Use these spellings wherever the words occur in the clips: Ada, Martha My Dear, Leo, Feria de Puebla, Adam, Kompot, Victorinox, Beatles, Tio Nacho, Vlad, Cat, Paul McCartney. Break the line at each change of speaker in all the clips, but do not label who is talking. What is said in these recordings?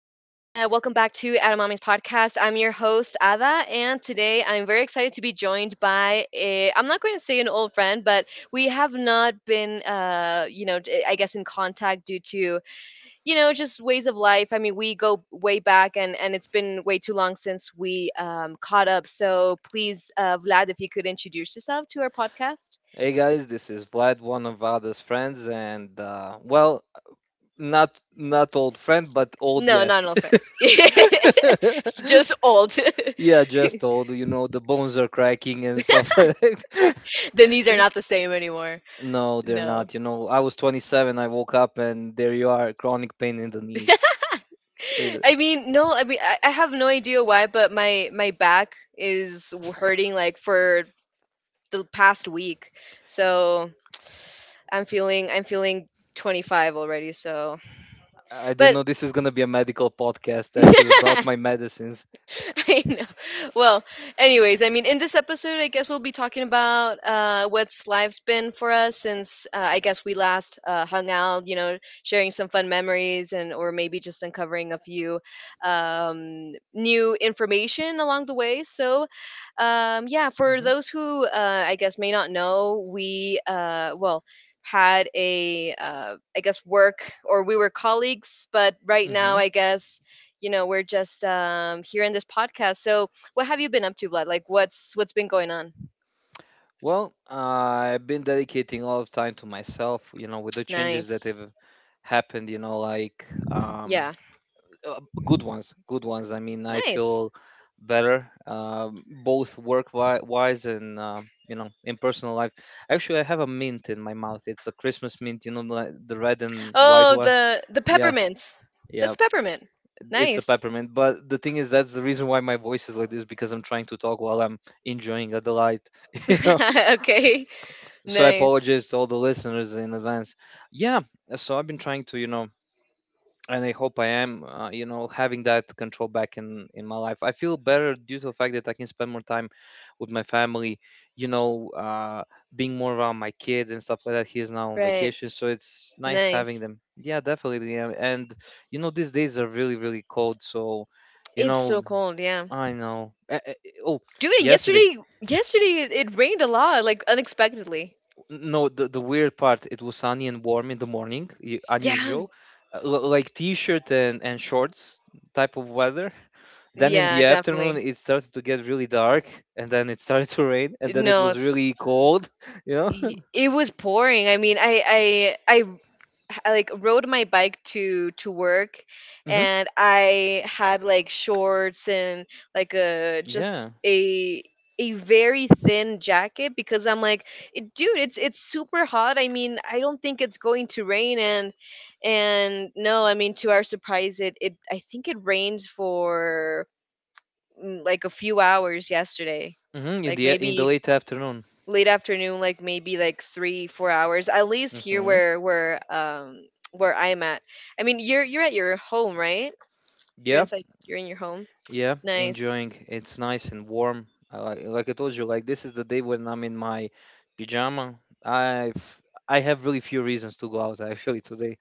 welcome back to Adamami's podcast. I'm your host Ada, and today I'm very excited to be joined by a. I'm not going to say an old friend, but we have not been, I guess in contact due to just ways of life. I mean, we go way back, and it's been way too long since we caught up. So please, Vlad, if you could introduce yourself to our podcast.
Hey guys, this is Vlad, one of Ada's friends, and well, not old friend, but old
No, not
yes.
an old friend. Just old.
Yeah, just old. You know, the bones are cracking and stuff like that.
Then these are not the same anymore.
No, they're
No.
not. You know, I was 27. I woke up, and there you are, chronic pain in the knees. It,
I mean, no, I mean, I have no idea why, but my back is hurting like for the past week. So I'm feeling 25 already, so
I didn't
but
know this is gonna be a medical podcast. I should have brought my medicines.
I know. Well, anyways, I mean, in this episode, I guess we'll be talking about what's life's been for us since I guess we last hung out. You know, sharing some fun memories and or maybe just uncovering a few new information along the way. So, yeah, for
hmm
those who I guess may not know, we well had a I guess work or we were colleagues, but right now
hmm
I guess we're just here in this podcast, so what have you been up to, Vlad? Like, what's been going on?
Well, I've been dedicating a lot of time to myself, you know, with the changes that
Nice.
have happened, you know,
Yeah.
uh, good ones, good ones. I mean, I
Nice.
feel better, both work wise and, you know, in personal life. Actually, I have a mint in my mouth. It's a Christmas mint, you know, the red and white
Oh,
one.
the
Yeah,
peppermints.
yeah,
That's peppermint.
it's a
Nice.
peppermint. But the thing is, that's the reason why my voice is like this because I'm trying to talk while I'm enjoying a delight.
Okay.
So I
Nice.
apologize to all the listeners in advance. Yeah, so I've been trying to, you know, and I hope I am, you know, having that control back in my life. I feel better due to the fact that I can spend more time with my family, you know, being more around my kid and stuff like that. He is now on
Right.
vacation, so it's nice having
Nice.
them. Yeah, definitely. Yeah, and you know, these days are really, really cold, so you
It's
know,
so cold, yeah.
I know. Oh,
Dude,
yesterday
yesterday it rained a lot, like unexpectedly.
No, the weird part, it was sunny and warm in the morning,
Yeah.
unusual, like t-shirt and shorts type of weather. Then in
Yeah,
the afternoon,
definitely.
it started to get really dark, and then it started to rain, and then it
No,
was
it's
really cold, you know?
it was pouring. I mean, i I like rode my bike to work,
hmm
and I had like shorts and like a just
Yeah.
a very thin jacket because I'm like, dude, it's super hot. I mean, I don't think it's going to rain." And no, I mean, to our surprise, it I think it rained for like a few hours yesterday, like
In the
maybe
late afternoon.
late afternoon, like maybe like three, 4 hours, at least here
hmm
where I'm at. I mean, you're at your home, right? You're
Yeah.
inside. You're in your home.
Yeah.
Nice.
Enjoying. It's nice and warm. I like I told you, like this is the day when I'm in my pajama. I've I have really few reasons to go out actually today.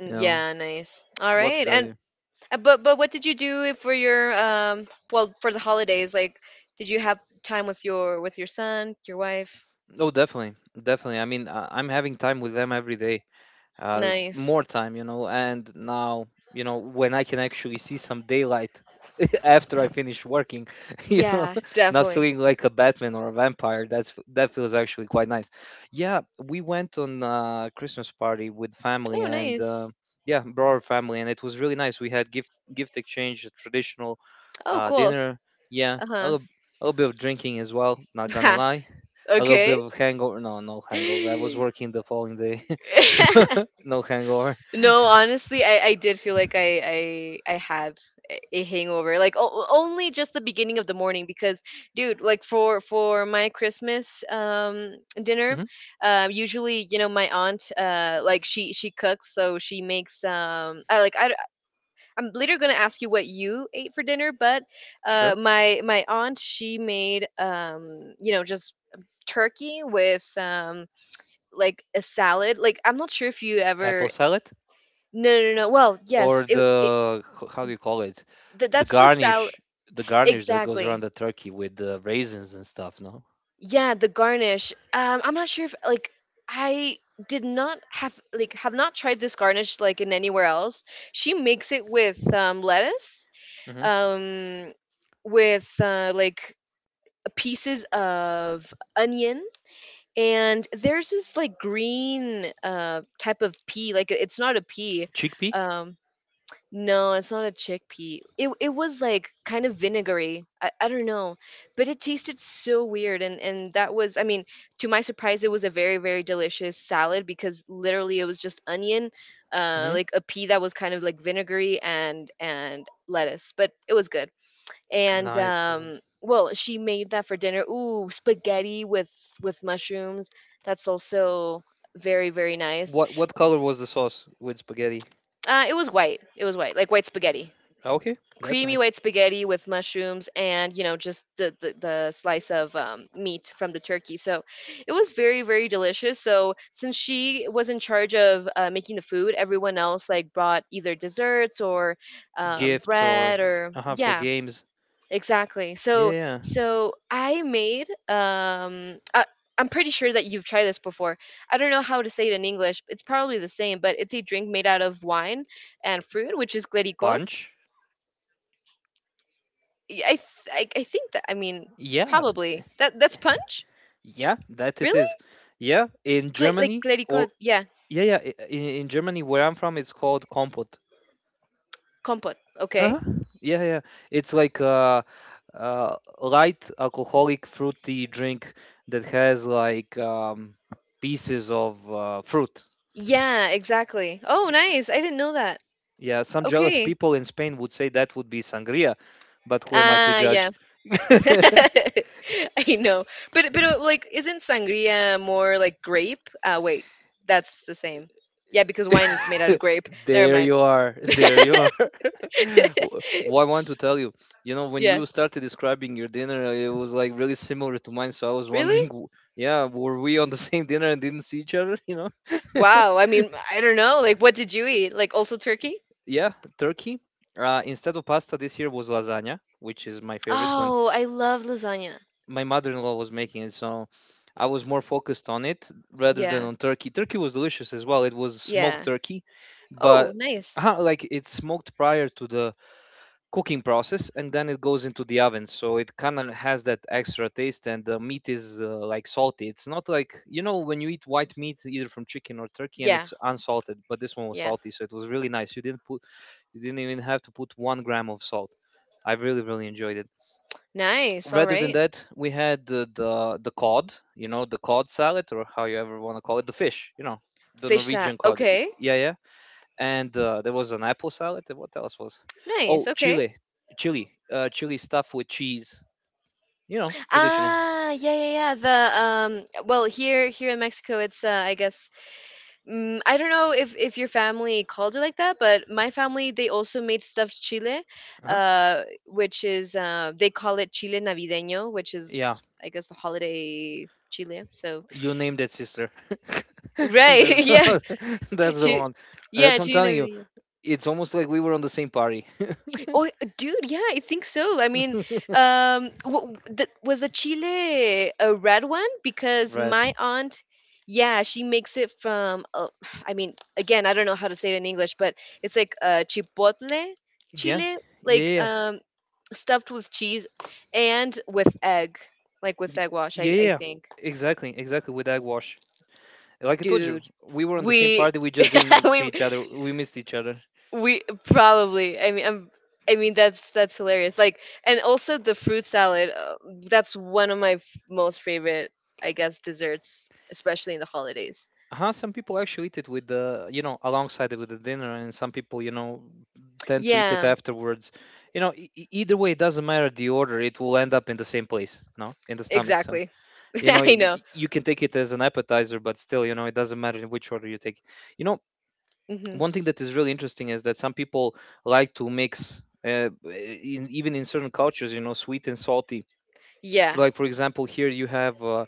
You know.
Yeah, nice. All
What to
right.
tell
And
you?
but what did you do for your for the holidays? Like, did you have time with your son, your wife?
Oh, definitely, definitely. I mean, I'm having time with them every day.
Nice.
More time, you know. And now, you know, when I can actually see some daylight after I finish working, you know,
Yeah,
not
definitely.
feeling like a Batman or a vampire. That's that feels actually quite nice. Yeah, we went on a Christmas party with family
Oh,
and
nice.
yeah, broader family, and it was really nice. We had gift exchange, a traditional
Oh, cool.
dinner. Yeah,
Uh
a little bit of drinking as well. Not gonna
huh.
lie. A little bit
Okay.
of hangover. No, no hangover. I was working the following day, so no hangover.
No, honestly, I did feel like I had a hangover, like only just the beginning of the morning. Because, dude, like for my Christmas dinner,
hmm
usually, you know, my aunt, like she cooks, so she makes like I'm later gonna ask you what you ate for dinner, but
Sure.
my aunt, she made just turkey with like a salad. Like, I'm not sure if you
Apple
ever
salad
no, no, no. Well, yes,
or the how do you call it? The
that's the salad.
garnish, the garnish that goes around
Exactly.
the turkey with the raisins and stuff. No.
Yeah, the garnish. I'm not sure if like I did not have like have not tried this garnish like in anywhere else. She makes it with lettuce,
hmm
um, with like pieces of onion. And there's this like green type of pea, like it's not a pea,
Chickpea.
um, no, it's not a chickpea. It was like kind of vinegary. I don't know, but it tasted so weird. And that was, I mean, to my surprise, it was a very delicious salad because literally it was just onion,
hmm
like a pea that was kind of like vinegary, and lettuce, but it was good. And
Nice, dude.
well, she made that for dinner. Ooh, spaghetti with mushrooms. That's also very nice.
What color was the sauce with spaghetti?
It was white. It was white, like white spaghetti.
Okay, that's
Creamy
nice.
white spaghetti with mushrooms, and you know, just the the slice of meat from the turkey. So it was very delicious. So since she was in charge of making the food, everyone else like brought either desserts or
Gifts or
bread or
uh-huh for
yeah,
games.
exactly.
Yeah,
So
yeah.
So I made, I'm pretty sure that you've tried this before. I don't know how to say it in English. It's probably the same, but it's a drink made out of wine and fruit, which is glericot.
Punch.
Yeah, I think that, I mean,
Yeah,
probably that that's punch.
yeah, that it is.
Really?
Yeah, in
Like
Germany or
glericot. Yeah,
yeah, yeah, in Germany where I'm from, it's called Kompot.
compote. Okay.
Uh-huh. Yeah, yeah. It's like a, light alcoholic fruity drink that has like pieces of fruit.
Yeah, exactly. Oh, nice. I didn't know that.
Yeah, some jealous
Okay.
people in Spain would say that would be sangria, but who am I to
Ah, yeah.
judge?
I know. But like, isn't sangria more like grape? Uh, wait. That's the same. Yeah, because wine is made out of grape. Never
There
mind.
you are. There you are. What I want to tell you, you know, when
Yeah.
you started describing your dinner, it was like really similar to mine. So I was
Really?
wondering, yeah, were we on the same dinner and didn't see each other, you know?
Wow. I mean, I don't know. Like, what did you eat? Like, also turkey?
Yeah, turkey. Instead of pasta this year was lasagna, which is my favorite when
Oh, I love lasagna.
my mother-in-law was making it. So I was more focused on it rather than
Yeah,
on turkey. Turkey was delicious as well. It was smoked
yeah.
turkey, but
Oh, nice.
like it's smoked prior to the cooking process and then it goes into the oven. So it kind of has that extra taste and the meat is like salty. It's not like, you know, when you eat white meat either from chicken or turkey and
Yeah,
it's unsalted, but this one was
yeah.
salty, so it was really nice. You didn't even have to put 1 gram of salt. I really, really enjoyed it.
Nice. All
Rather than
right.
that, we had the cod, you know, the cod salad or how you ever want to call it, the fish, you know, the
Fish salad.
Norwegian cod.
Okay.
Yeah, yeah. And there was an apple salad. And what else was?
Nice.
Oh,
Okay.
chili, chili, chili stuffed with cheese. You know, traditional.
Ah, yeah, yeah, yeah. The well, here, here in Mexico, it's I guess, I don't know if your family called it like that, but my family, they also made stuffed chile,
Uh-huh.
which is they call it chile navideño, which
Yeah,
is I guess the holiday chile. So
you named it, sister. That's that's
right, yeah,
the
Chi-
one.
yeah,
That's what I'm
chile
telling you.
navideño.
It's almost like we were on the same party.
Oh, dude, yeah, I think so. I mean, was the chile a red one? Because my
Red.
aunt, yeah, she makes it from. I mean, again, I don't know how to say it in English, but it's like chipotle
Yeah,
chile,
yeah,
like
yeah, yeah,
stuffed with cheese and with egg, like with egg wash.
yeah,
I
yeah,
I
yeah.
think,
Exactly, exactly. With Agwash, like I told you,
dude,
we were on the same
we
party. We just didn't see
we
each other. We missed each other.
we probably. I mean, I'm, I mean, that's hilarious. Like, and also the fruit salad. That's one of my most favorite, I guess, desserts, especially in the holidays.
Uh-huh, some people actually eat it with the, you know, alongside it with the dinner, and some people, you know, tend to eat it
Yeah,
afterwards. You know, e- e- either way, it doesn't matter the order. It will end up in the same place, no, in the stomach. So,
exactly.
you know,
I know.
you can take it as an appetizer, but still, you know, it doesn't matter in which order you take. You know,
Hmm.
one thing that is really interesting is that some people like to mix even in certain cultures, you know, sweet and salty,
Yeah.
like for example here you have uh,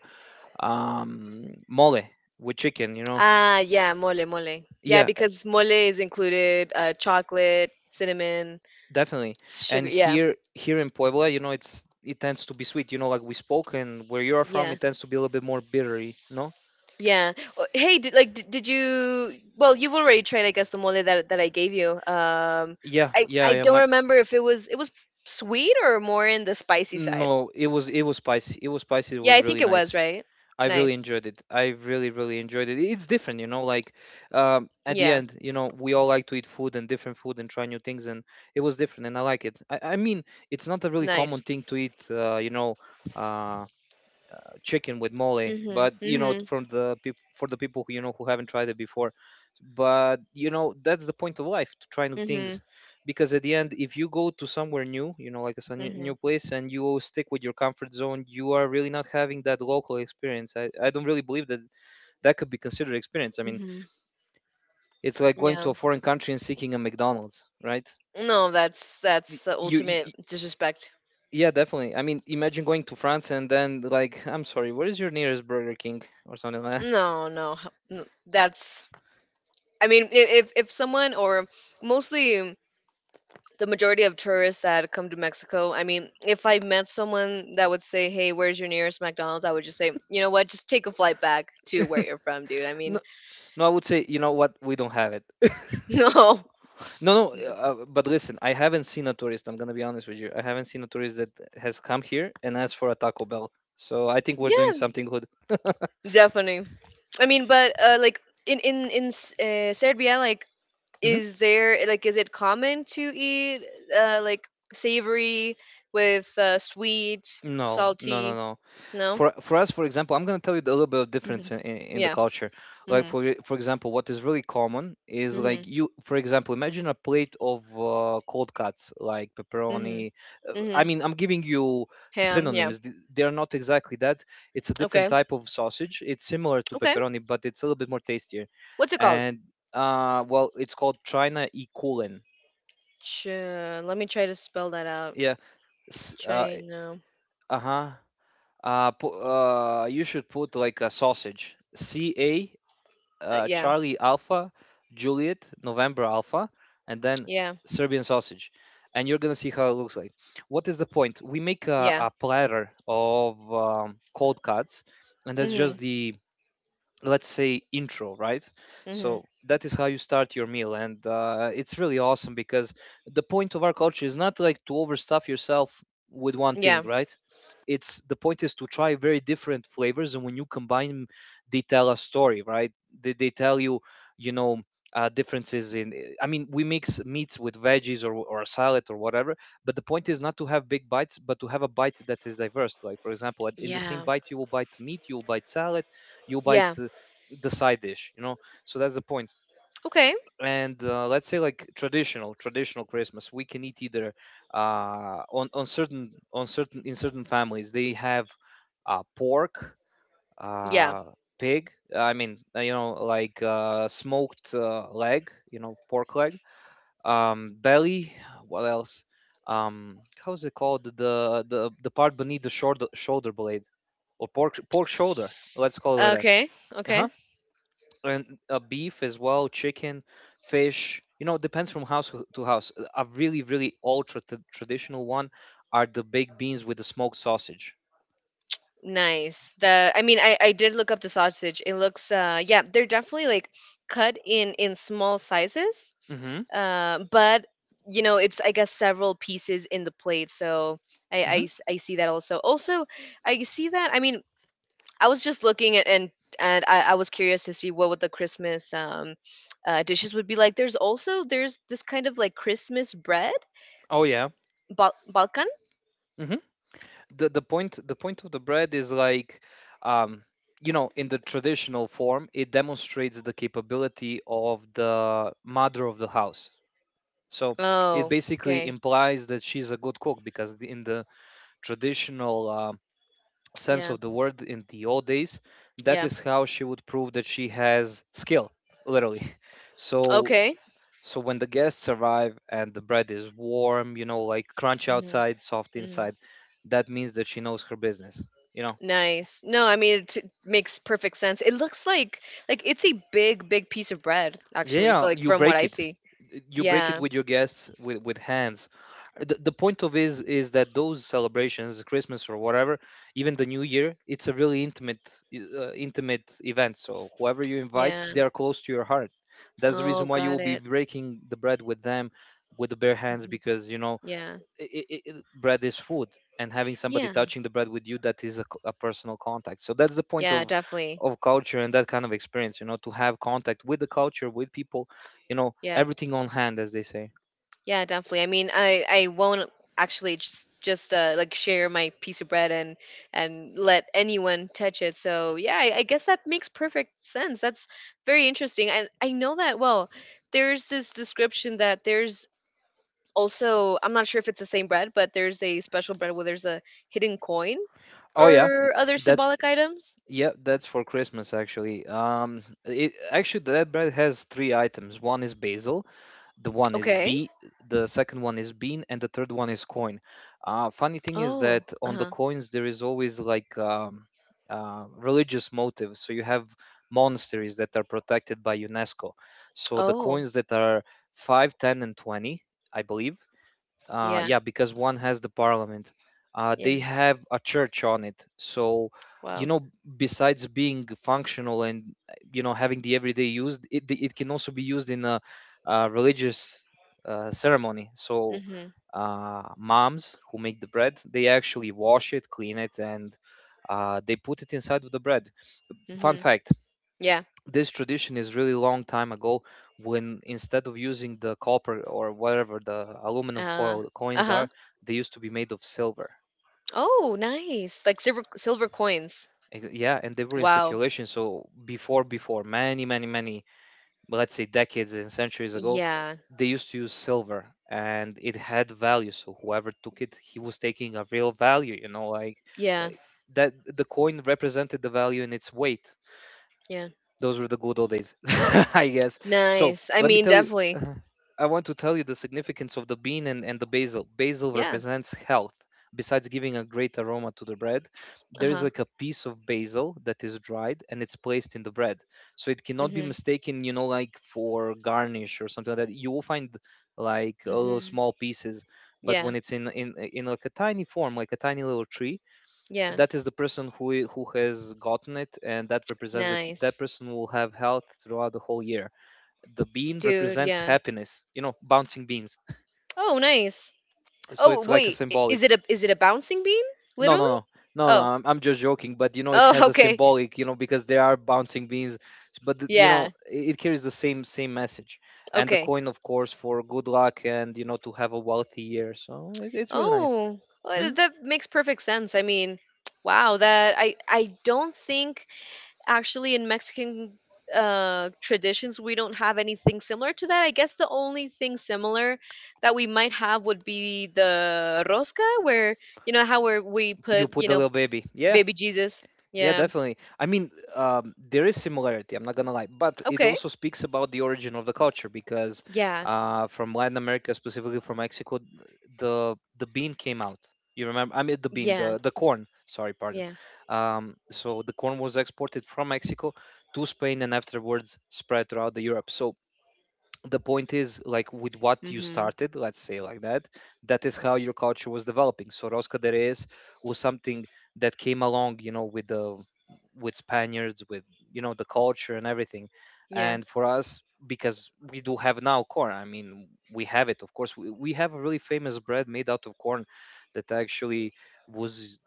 um, mole with chicken, you know.
Ah, yeah, mole, mole. Yeah,
Yeah,
because mole is included chocolate, cinnamon,
definitely.
sugar.
And
Yeah,
here, here in Puebla, you know, it's it tends to be sweet, you know, like we spoke, and where you are from,
yeah.
it tends to be a little bit more bittery, no.
Yeah. Oh, hey, did, like, did you? Well, you've already tried, I guess, the mole that I gave you.
yeah yeah
I
yeah
don't
my
remember if it was sweet or more in the spicy side.
No, it was, it was spicy, it was spicy, it
Yeah,
was
I
really
think it was
nice.
right.
I really
Nice.
enjoyed it. I really, really enjoyed it. It's different, you know. Like at the
Yeah,
end, you know, we all like to eat food and different food and try new things, and it was different, and I like it. I mean, it's not a really common
nice.
thing to eat, you know, uh, chicken with mole,
Mhm.
but you know,
Mhm.
from the peop for the people who, you know, who haven't tried it before, but you know, that's the point of life, to try new things,
Mhm.
because at the end, if you go to somewhere new, you know, like a new
Mhm.
place and you stick with your comfort zone, you are really not having that local experience. I don't really believe that that could be considered experience. I mean,
Mhm.
it's like going to
Yeah.
a foreign country and seeking a McDonald's, right?
No, that's
Y-
the
you, y-
ultimate
y-
disrespect.
yeah, definitely. I mean, imagine going to France and then like, I'm sorry, where is your nearest Burger King or something like
No, no, that's. I mean, if someone or mostly the majority of tourists that come to Mexico, I mean, if I met someone that would say, "Hey, where's your nearest McDonald's?" I would just say, "You know what? Just take a flight back to where
that.
you're from, dude." I mean,
No, I would say, you know what? We don't have it.
no.
No, no, but listen, I haven't seen a tourist. I'm gonna be honest with you. I haven't seen a tourist that has come here and asked for a Taco Bell. So I think we're doing
Yeah,
something good.
definitely. I mean, but like in Serbia, like,
hmm
is there like, is it common to eat like savory with sweet,
No, no, no,
salty?
no.
No?
For us, for example, I'm going to tell you a little bit of difference
Mhm.
in the
Yeah.
culture. Like
Mhm.
for for example, what is really common is like
Mhm.
you, for example, imagine a plate of cold cuts like
Mhm.
pepperoni. I
Mhm.
mean, I'm giving you
Ham, yeah.
synonyms. They are not exactly that. It's a different
Okay.
type of sausage. It's similar to
Okay.
pepperoni, but it's a little bit more tastier.
What's it called?
And well, it's called china e Kulin.
Let me try to spell that out.
Yeah. S- uh,
China.
uh-huh. Uh, you should put like a sausage c a
Yeah.
Charlie Alpha, Juliet, November Alpha, and then
Yeah.
Serbian sausage. And you're gonna see how it looks like. What is the point? We make a,
Yeah.
a platter of cold cuts, and that's
Mhm.
just the, let's say, intro, right?
Mhm.
So that is how you start your meal, and it's really awesome because the point of our culture is not like to overstuff yourself with one thing,
Yeah.
right? It's the point is to try very different flavors, and when you combine, they tell a story, right? They tell you, you know differences in, I mean, we mix meats with veggies or a salad or whatever. But the point is not to have big bites, but to have a bite that is diverse. Like for example, in the same
Yeah.
bite, you will bite meat, you will bite salad, you bite
Yeah.
the side dish. So that's the point
Okay.
point. And let's say, like, traditional Christmas, we can eat either on certain in certain families, they have pork,
Yeah.
uh pig. I mean, you know, like smoked leg, you know, pork leg, um, belly, what else, um, how's it called, the part beneath the shoulder blade, or pork shoulder, let's call it like that.
Okay.
Uh huh.
Okay.
And beef as well, chicken, fish. You know, it depends from house to house. A really, really ultra traditional one are the baked beans with the smoked sausage.
Nice. The, I mean, I did look up the sausage. It looks yeah, they're definitely like cut in small sizes.
Hmm.
But you know, it's, I guess, several pieces in the plate. So
Hmm.
I see that also. Also, I see that, I mean, I was just looking at, and I was curious to see what would the Christmas dishes would be like. There's also there's this kind of like Christmas bread,
Oh yeah.
Balkan.
Hmm. The the point of the bread is like, um, you know, in the traditional form, it demonstrates the capability of the mother of the house. So it
Oh,
basically
okay,
implies that she's a good cook because in the traditional sense
yeah,
of the word, in the old days, that
yeah,
is how she would prove that she has skill, literally. So
okay.
so when the guests arrive and the bread is warm, you know, like crunch
Hmm.
outside, soft
Hmm.
inside, that means that she knows her business, you know.
Nice. No, I mean, it makes perfect sense. It looks like it's a big, big piece of bread
Yeah,
actually, for
yeah,
like
you
from what
break
I
it.
see.
You break it
Yeah,
with your guests with hands. The point of is that those celebrations, Christmas or whatever, even the New Year, it's a really intimate intimate event. So whoever you invite,
yeah.
they are close to your heart. That's the
Oh,
reason why you
got
will be
it.
breaking the bread with them with the bare hands,
Mhm.
because you know,
Yeah,
I bread is food, and having somebody
yeah,
touching the bread with you, that is a personal contact. So that's the point
yeah. Definitely.
of culture and that kind of experience, you know, to have contact with the culture, with people, you know,
Yeah.
everything on hand, as they say.
Yeah, definitely. I mean, I won't actually just like share my piece of bread and let anyone touch it. So yeah, I guess that makes perfect sense. That's very interesting. And I know that well. There's this description that there's also, I'm not sure if it's the same bread, but there's a special bread where there's a hidden coin
Oh yeah.
or other
That's,
symbolic items.
yeah, that's for Christmas actually. Um, it actually, that bread has three items. One is basil, the one is
Okay.
B, the second one is bean, and the third one is coin. Funny thing is
Oh.
that
Uh
on the
huh.
coins there is always like, religious motive. So you have monasteries that are protected by UNESCO. So the
Oh.
coins that are 5, 10, and 20, I believe,
Yeah.
yeah, because one has the parliament. They
Yeah.
have a church on it, so you
Wow.
know, besides being functional and you know, having the everyday use, it can also be used in a, uh, religious ceremony. So
Mhm.
moms who make the bread, they actually wash it, clean it, and they put it inside of the bread. Fun
Mhm.
fact,
Yeah.
this tradition is really long time ago, when instead of using the copper or whatever the aluminum
Uh.
foil
Uh
coins
huh.
are, they used to be made of silver.
Oh, nice. Like silver, silver coins.
Yeah, and they were in
Wow.
circulation. So before many many many, let's say, decades and centuries ago,
Yeah.
they used to use silver and it had value. So whoever took it, he was taking a real value, you know, like, uh,
Yeah.
that the coin represented the value in its weight.
Yeah.
Those were the good old days, I guess. So
Nice. I
let me
mean,
tell you,
definitely.
uh, I want to tell you the significance of the bean and the basil. Basil
Yeah.
represents health. Besides giving a great aroma to the bread, there is
Uh-huh.
like a piece of basil that is dried and it's placed in the bread, so it cannot be
Mhm.
mistaken, you know, like for garnish or something like that. You will find like
Mhm.
small pieces, but
Yeah.
when it's in like a tiny form, like a tiny little tree,
Yeah.
that is the person who who has gotten it, and that represents that that
Nice.
person will have health throughout the whole year. The bean
Dude,
represents
yeah.
happiness, you know, bouncing beans.
Oh, nice.
So
Oh,
it's like a
wait.
symbolic.
Is it a bouncing bean?
no no
Literally?
no no, no,
Oh.
I'm just joking, but you know, it
Oh,
has a
okay.
symbolic, you know, because there are bouncing beans. But you know,
Yeah.
it carries the same message. And the
Okay.
coin, of course, for good luck, and you know, to have a wealthy year. So it's really nice.
Oh.
Hmm?
Well, that makes perfect sense. I mean, wow, that I don't think actually in mexican traditions, we don't have anything similar to that. I guess the only thing similar that we might have would be the rosca where you know how, where we
You
put
put the little baby, yeah.
baby jesus.
Yeah,
Yeah.
definitely. I mean, there is similarity. I'm not gonna lie, but it
Okay.
also speaks about the origin of the culture, because
Yeah,
from Latin America, specifically from Mexico, the bean came out. You remember? I mean, the bean,
yeah,
the corn. Sorry, pardon.
yeah.
So the corn was exported from Mexico to Spain and afterwards spread throughout the Europe. So the point is like with what you
Mm-hmm.
started, let's say, like that, that is how your culture was developing. So rosca de reyes was something that came along, you know, with the with spaniards, with, you know, the culture and everything.
Yeah.
And for us, because we do have now corn, I mean, we have it, of course, we have a really famous bread made out of corn that actually was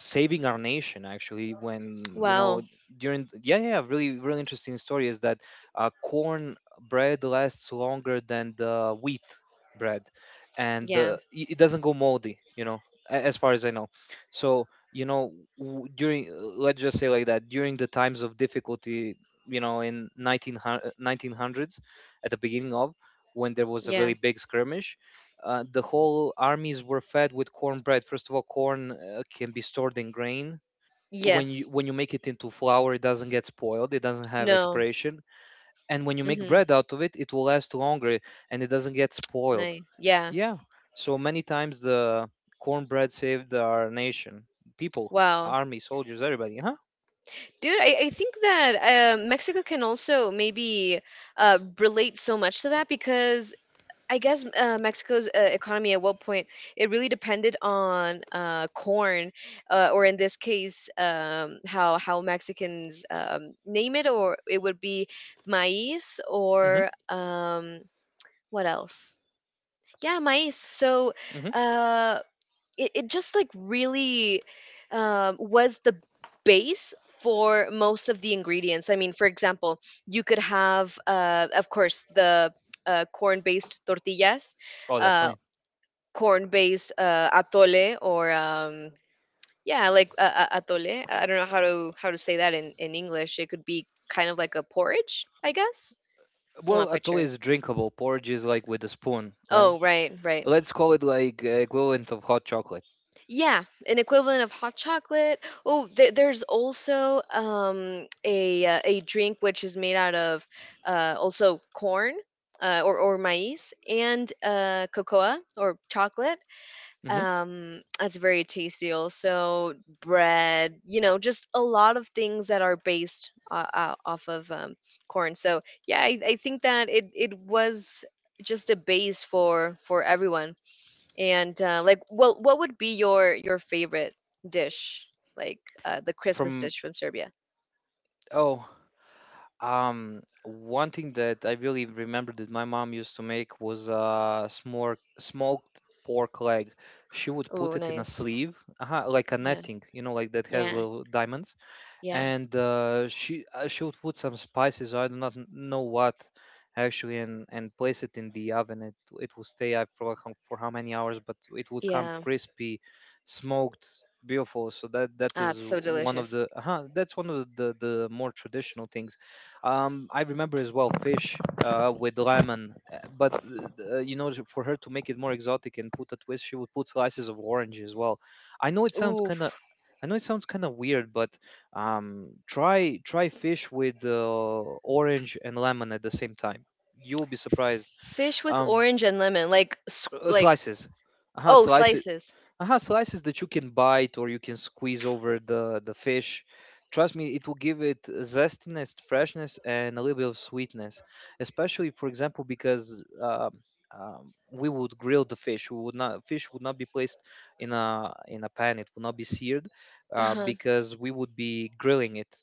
saving our nation actually when, you
Wow.
know, during, yeah yeah, really really interesting story is that corn bread lasts longer than the wheat bread. And
Yeah,
it doesn't go moldy, you know, as far as I know. So you know, during let's just say like that, during the times of difficulty, you know, in 1900 nineteen hundreds, at the beginning of, when there was a
yeah.
really big skirmish, the whole armies were fed with cornbread. First of all, corn can be stored in grain. When you
Yes.
when you make it into flour, it doesn't get spoiled. It doesn't have
No.
expiration. And when you make
Mm-hmm.
bread out of it, it will last longer, and it doesn't get spoiled.
Nice. Yeah.
Yeah. So many times the cornbread saved our nation, people,
Wow.
army, soldiers, everybody. Huh?
Dude, I think that mexico can also maybe relate so much to that, because I guess Mexico's economy at what point it really depended on corn, or in this case, how Mexicans name it, or it would be maíz,
Mm-hmm.
or what else? Yeah, maíz. So,
Mm-hmm.
uh, it just like really was the base for most of the ingredients. I mean, for example, you could have, of course, the corn based tortillas,
Oh,
uh,
definitely.
corn based atole, or yeah, like atole. I don't know how to say that in english. It could be kind of like a porridge, I guess. I'm
Well,
not quite
atole
sure.
is drinkable. Porridge is like with a spoon, right?
Oh, right. Right.
Let's call it like, equivalent of hot chocolate.
Yeah, an equivalent of hot chocolate. Oh, there's also a drink which is made out of also corn, or maize and cocoa or chocolate.
Mm-hmm.
That's very tasty. Also, bread. You know, just a lot of things that are based, off of, corn. So yeah, I think that it was just a base for everyone. And, like, well, what would be your favorite dish? Like, the Christmas
From,
dish from Serbia.
oh, um, one thing that I really remember that my mom used to make was smor smoked pork leg. She would put
Oh,
it in a
nice.
sleeve, uh, like a
Yeah,
netting, you know, like that has
yeah,
little diamonds,
yeah,
and she would put some spices, I do not know what actually, and place it in the oven. It would stay, I forgot how, for how many hours, but it would come
yeah.
crispy, smoked, beautiful. So that that
Ah, it's
is
so
one of
delicious.
the uh, that's one of the more traditional things. Um, I remember as well fish with lemon, but you know, for her to make it more exotic and put a twist, she would put slices of orange as well. I know it sounds kind of,
Oof,
I know it sounds kind of weird, but try try fish with orange and lemon at the same time. You will be surprised.
fish with
Um,
orange and lemon, like s- like
slices, uh-huh,
oh,
slices,
slices.
uh-huh, slices that you can bite or you can squeeze over the fish. Trust me, it will give it zestiness, freshness, and a little bit of sweetness. Especially, for example, because we would grill the fish. We would not, fish would not be placed in a pan. It would not be seared,
Uh-huh.
because we would be grilling it,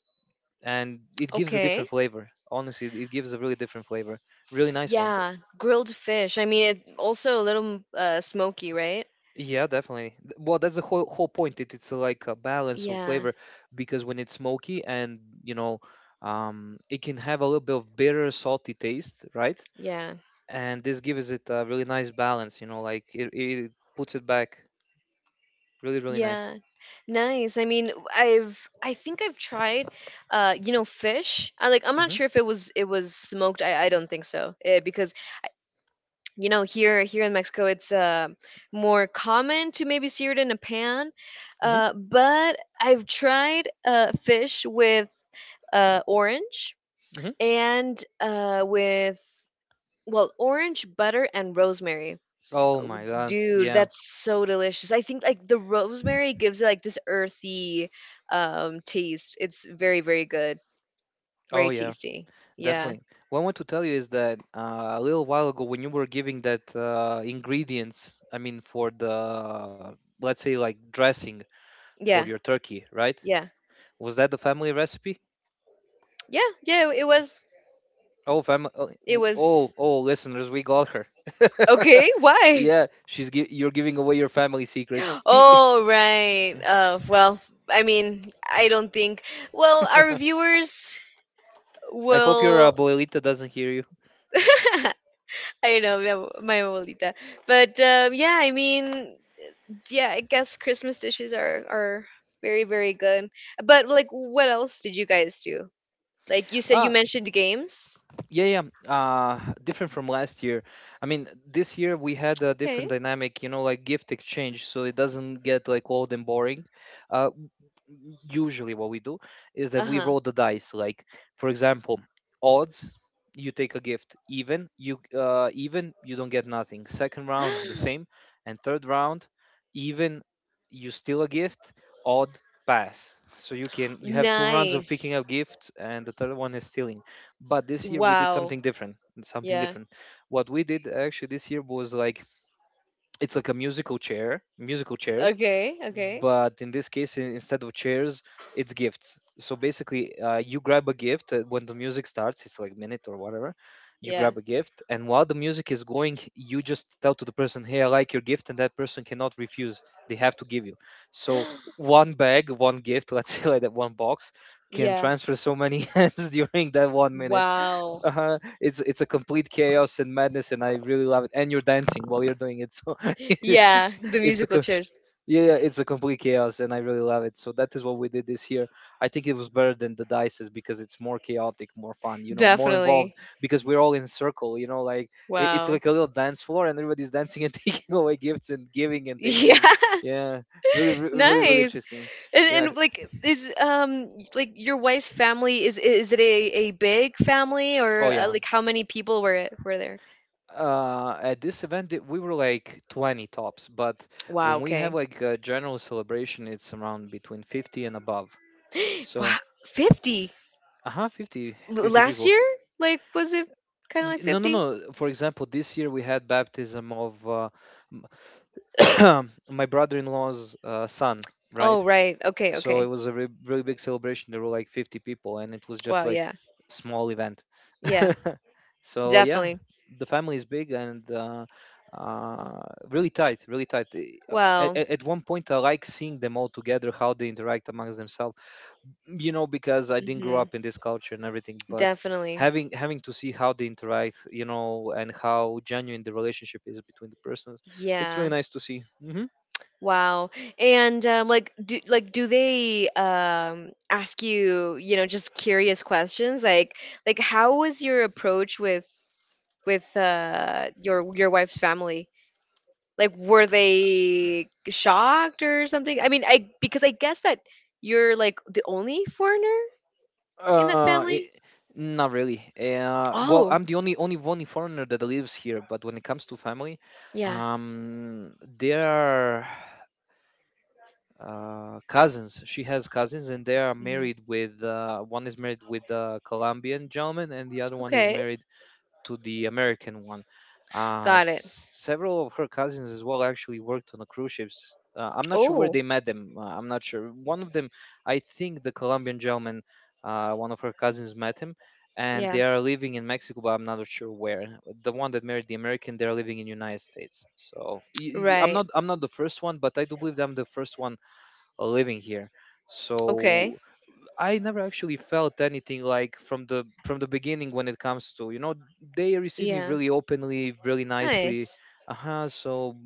and it gives a
Okay.
different flavor. Honestly, it gives a really different flavor. Really nice one. Th-
Yeah, grilled fish. I mean, it also a little smoky, right?
Yeah, definitely. Th- Well, that's the whole point. It's like a balance of
Yeah,
flavor, because when it's smoky, and you know, it can have a little bit of bitter, salty taste, right?
yeah.
And this gives it a really nice balance. You know, like it puts it back. Really, really nice.
Yeah. Nice. I mean, I think I've tried, fish. I'm not
Mm-hmm.
sure if it was smoked. I don't think so. Eh, because you know, here in Mexico it's more common to maybe sear it in a pan.
Mm-hmm.
But I've tried, fish with, orange,
Mm-hmm.
and, with, well, orange butter and rosemary.
Oh my God.
Dude,
Yeah.
that's so delicious. I think, like, the rosemary gives it like this earthy taste. It's very, very good.
Oh
Very
yeah.
tasty. Yeah.
Definitely. What I want to tell you is that a little while ago, when you were giving that ingredients, I mean, for the, let's say, like dressing for
Yeah.
your turkey, right?
Yeah.
Was that the family recipe?
Yeah. Yeah. It was
Oh, family. Oh,
it
oh,
was
oh, listeners, we got her.
okay. Why?
Yeah, you're giving away your family secrets.
Oh, right. Well, I mean, I don't think, well, our viewers
I hope your
will.
abuelita doesn't hear you.
I know, yeah, my abuelita. But yeah, I mean, yeah, I guess Christmas dishes are very, very good. But, like, what else did you guys do? Like you said, you
Ah,
mentioned games.
yeah, yeah, yeah. Different from last year. I mean, this year we had a
Okay.
different dynamic, you know, like gift exchange, so it doesn't get like old and boring. Uh, Usually what we do is that we
Uh
roll the dice, like for example, odds you take a gift, even you don't get nothing. Second round the
huh.
same, and third round even you steal a gift, odd pass. So you can, you have two rounds of picking
Nice.
up gifts, and the third one is stealing. But this year we did
Wow.
something different, something
Yeah.
different What we did actually this year was like, it's like a musical chairs,
Okay. Okay.
but in this case instead of chairs, it's gifts. So basically, you grab a gift when the music starts, it's like minute or whatever. You
Yeah.
grab a gift, and while the music is going, you just tell to the person, hey, I like your gift, and that person cannot refuse. They have to give you. So one bag, one gift, let's say like that, one box can
Yeah.
transfer so many hands during that 1 minute.
Wow.
Uh-huh. It's a complete chaos and madness, and I really love it, and you're dancing while you're doing it so.
Yeah. The
it's a
musical
co-
chairs.
yeah, yeah, it's a complete chaos, and I really love it. So that is what we did this year. I think it was better than the dices because it's more chaotic, more fun, you know, more involved
Definitely.
because we're all in circle, you know, like it's
Wow.
like a little dance floor, and everybody's dancing and taking away gifts and giving and
Yeah.
taking. Yeah, really, really, really
Nice.
interesting. Yeah.
And, like, is like, your wife's family, is it a big family, or,
Oh yeah.
like, how many people were there?
At this event, we were like 20 tops, but
Wow,
when we have
okay.
like a general celebration, it's around between 50 and above.
Wow,
So,
50
uh huh, 50, 50
last
people.
year? Like, was it kind of like
No, no,
50?
no. For example, this year we had baptism of uh, my brother-in-law's son,
Oh,
right?
right. Okay,
So it
okay.
was a re really big celebration. There were like 50 people, and it was just
Wow,
like
yeah.
small event.
Yeah.
So yeah,
Definitely.
the family is big, and uh, really tight, really tight. At,
Wow.
at one point, I like seeing them all together, how they interact amongst themselves, you know, because I didn't grow
Mhm.
up in this culture and everything. But
Definitely.
having to see how they interact, you know, and how genuine the relationship is between the persons, it's really
Yeah.
nice to see. Hmm.
Wow. And, like, do, they, ask you, just curious questions? Like, how was your approach with, your wife's family? Like, were they shocked or something? I mean, I, because I guess that you're like the only foreigner in that
I
family.
Not really. Well,
Oh,
I'm the only foreigner that lives here, but when it comes to family,
yeah.
they are, cousins, she has cousins and they are
Hmm.
married with, one is married with a Colombian gentleman, and the other one is
Okay.
married to the American one.
Got it.
Several of her cousins as well actually worked on the cruise ships. I'm not sure where
Oh,
they met them. I'm not sure. One of them, I think, the Colombian gentleman, one of her cousins met him, and
yeah.
they are living in Mexico, but I'm not sure where. The one that married the American, they are living in United States. So
Right.
I'm not the first one, but I do believe that I'm the first one living here.
Okay.
So I never actually felt anything like, from the beginning when it comes to, you know, they received me
Yeah.
really openly, really nicely.
Nice.
Uh-huh. So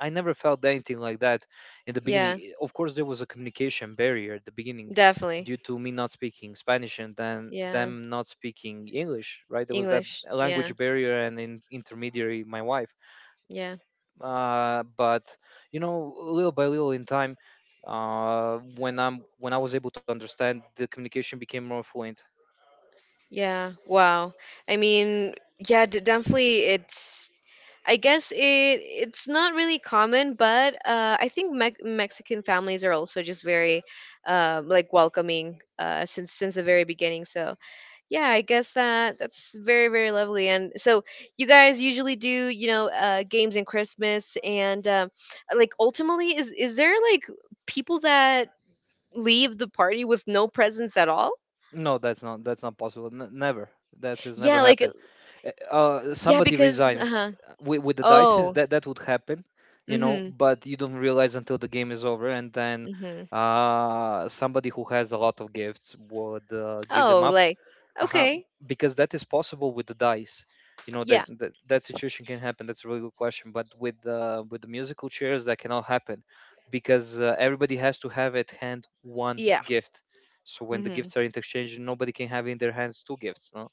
I never felt anything like that in the beginning.
Yeah,
Of course, there was a communication barrier at the beginning
definitely.
due to me not speaking Spanish and then
Yeah.
them not speaking English. Right, there was that
English. Yeah.
language barrier, and in intermediary, my wife.
Yeah.
Uh, but you know, little by little in time, when I was able to understand, the communication became more fluent.
Yeah. Wow. I mean, yeah, definitely it's, I guess it's not really common, but, I think Mexican families are also just very, like, welcoming, since the very beginning. So yeah, I guess that that's very, very lovely. And so, you guys usually do, you know, games in Christmas, and, like, ultimately, is there like people that leave the party with no presents at all?
No, that's not, that's not possible. Never, that has never
Yeah, like.
happened.
Yeah,
Somebody
because
resigns,
uh-huh.
with the dices,
Oh.
that that would happen, you know,
Mhm.
but you don't realize until the game is over, and then
Mhm.
somebody who has a lot of gifts would give them
Oh,
up.
like,
Uh-huh,
okay.
because that is possible with the dice, you know,
Yeah.
that situation can happen. That's a really good question. But with the musical chairs, that cannot happen because everybody has to have at hand one
Yeah.
gift. So when the
Mhm.
gifts are interchanged, nobody can have in their hands 2 gifts, no.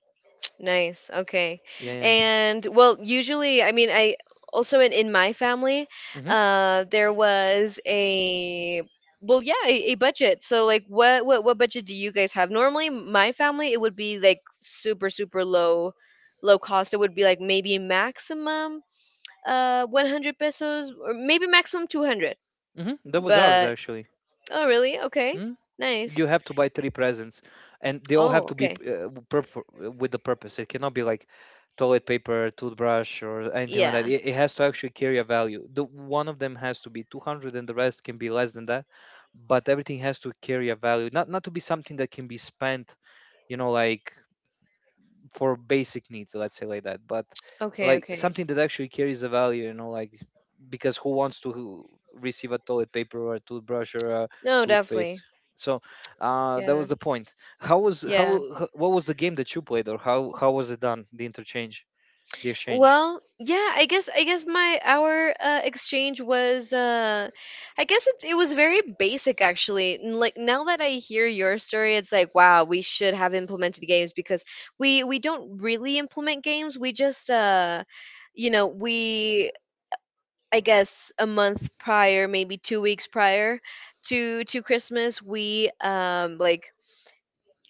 Nice. Okay.
Yeah.
And, well, usually, I mean, I, also in my family,
Yeah. Mm-hmm,
there was a, well, yeah, a budget. So, like, what budget do you guys have? Normally, my family, it would be like super, super low, low cost. It would be like maybe maximum 100 pesos, or maybe maximum 200.
mm-hmm. That was ours
But.
actually.
Oh, really? Okay.
Hmm? You
Nice.
have to buy 3 presents, and they all have
Oh,
to be
okay.
with the purpose. It cannot be like toilet paper, toothbrush or anything like that.
Yeah.
It has to actually carry a value. The one of them has to be 200, and the rest can be less than that. But everything has to carry a value, not not to be something that can be spent, you know, like for basic needs, let's say like that. But
Okay,
like
okay.
something that actually carries a value, you know, like, because who wants to receive a toilet paper or a toothbrush or a
No, definitely.
toothpaste? So, that
Yeah.
was the point. How was,
Yeah.
what was the game that you played, or how was it done, the interchange, the exchange?
Well, yeah, I guess my our, exchange was, I guess it was very basic, actually. Like, now that I hear your story, it's like, wow, we should have implemented games, because we don't really implement games. We just, you know, we I guess a month prior, maybe 2 weeks prior to Christmas, we, like,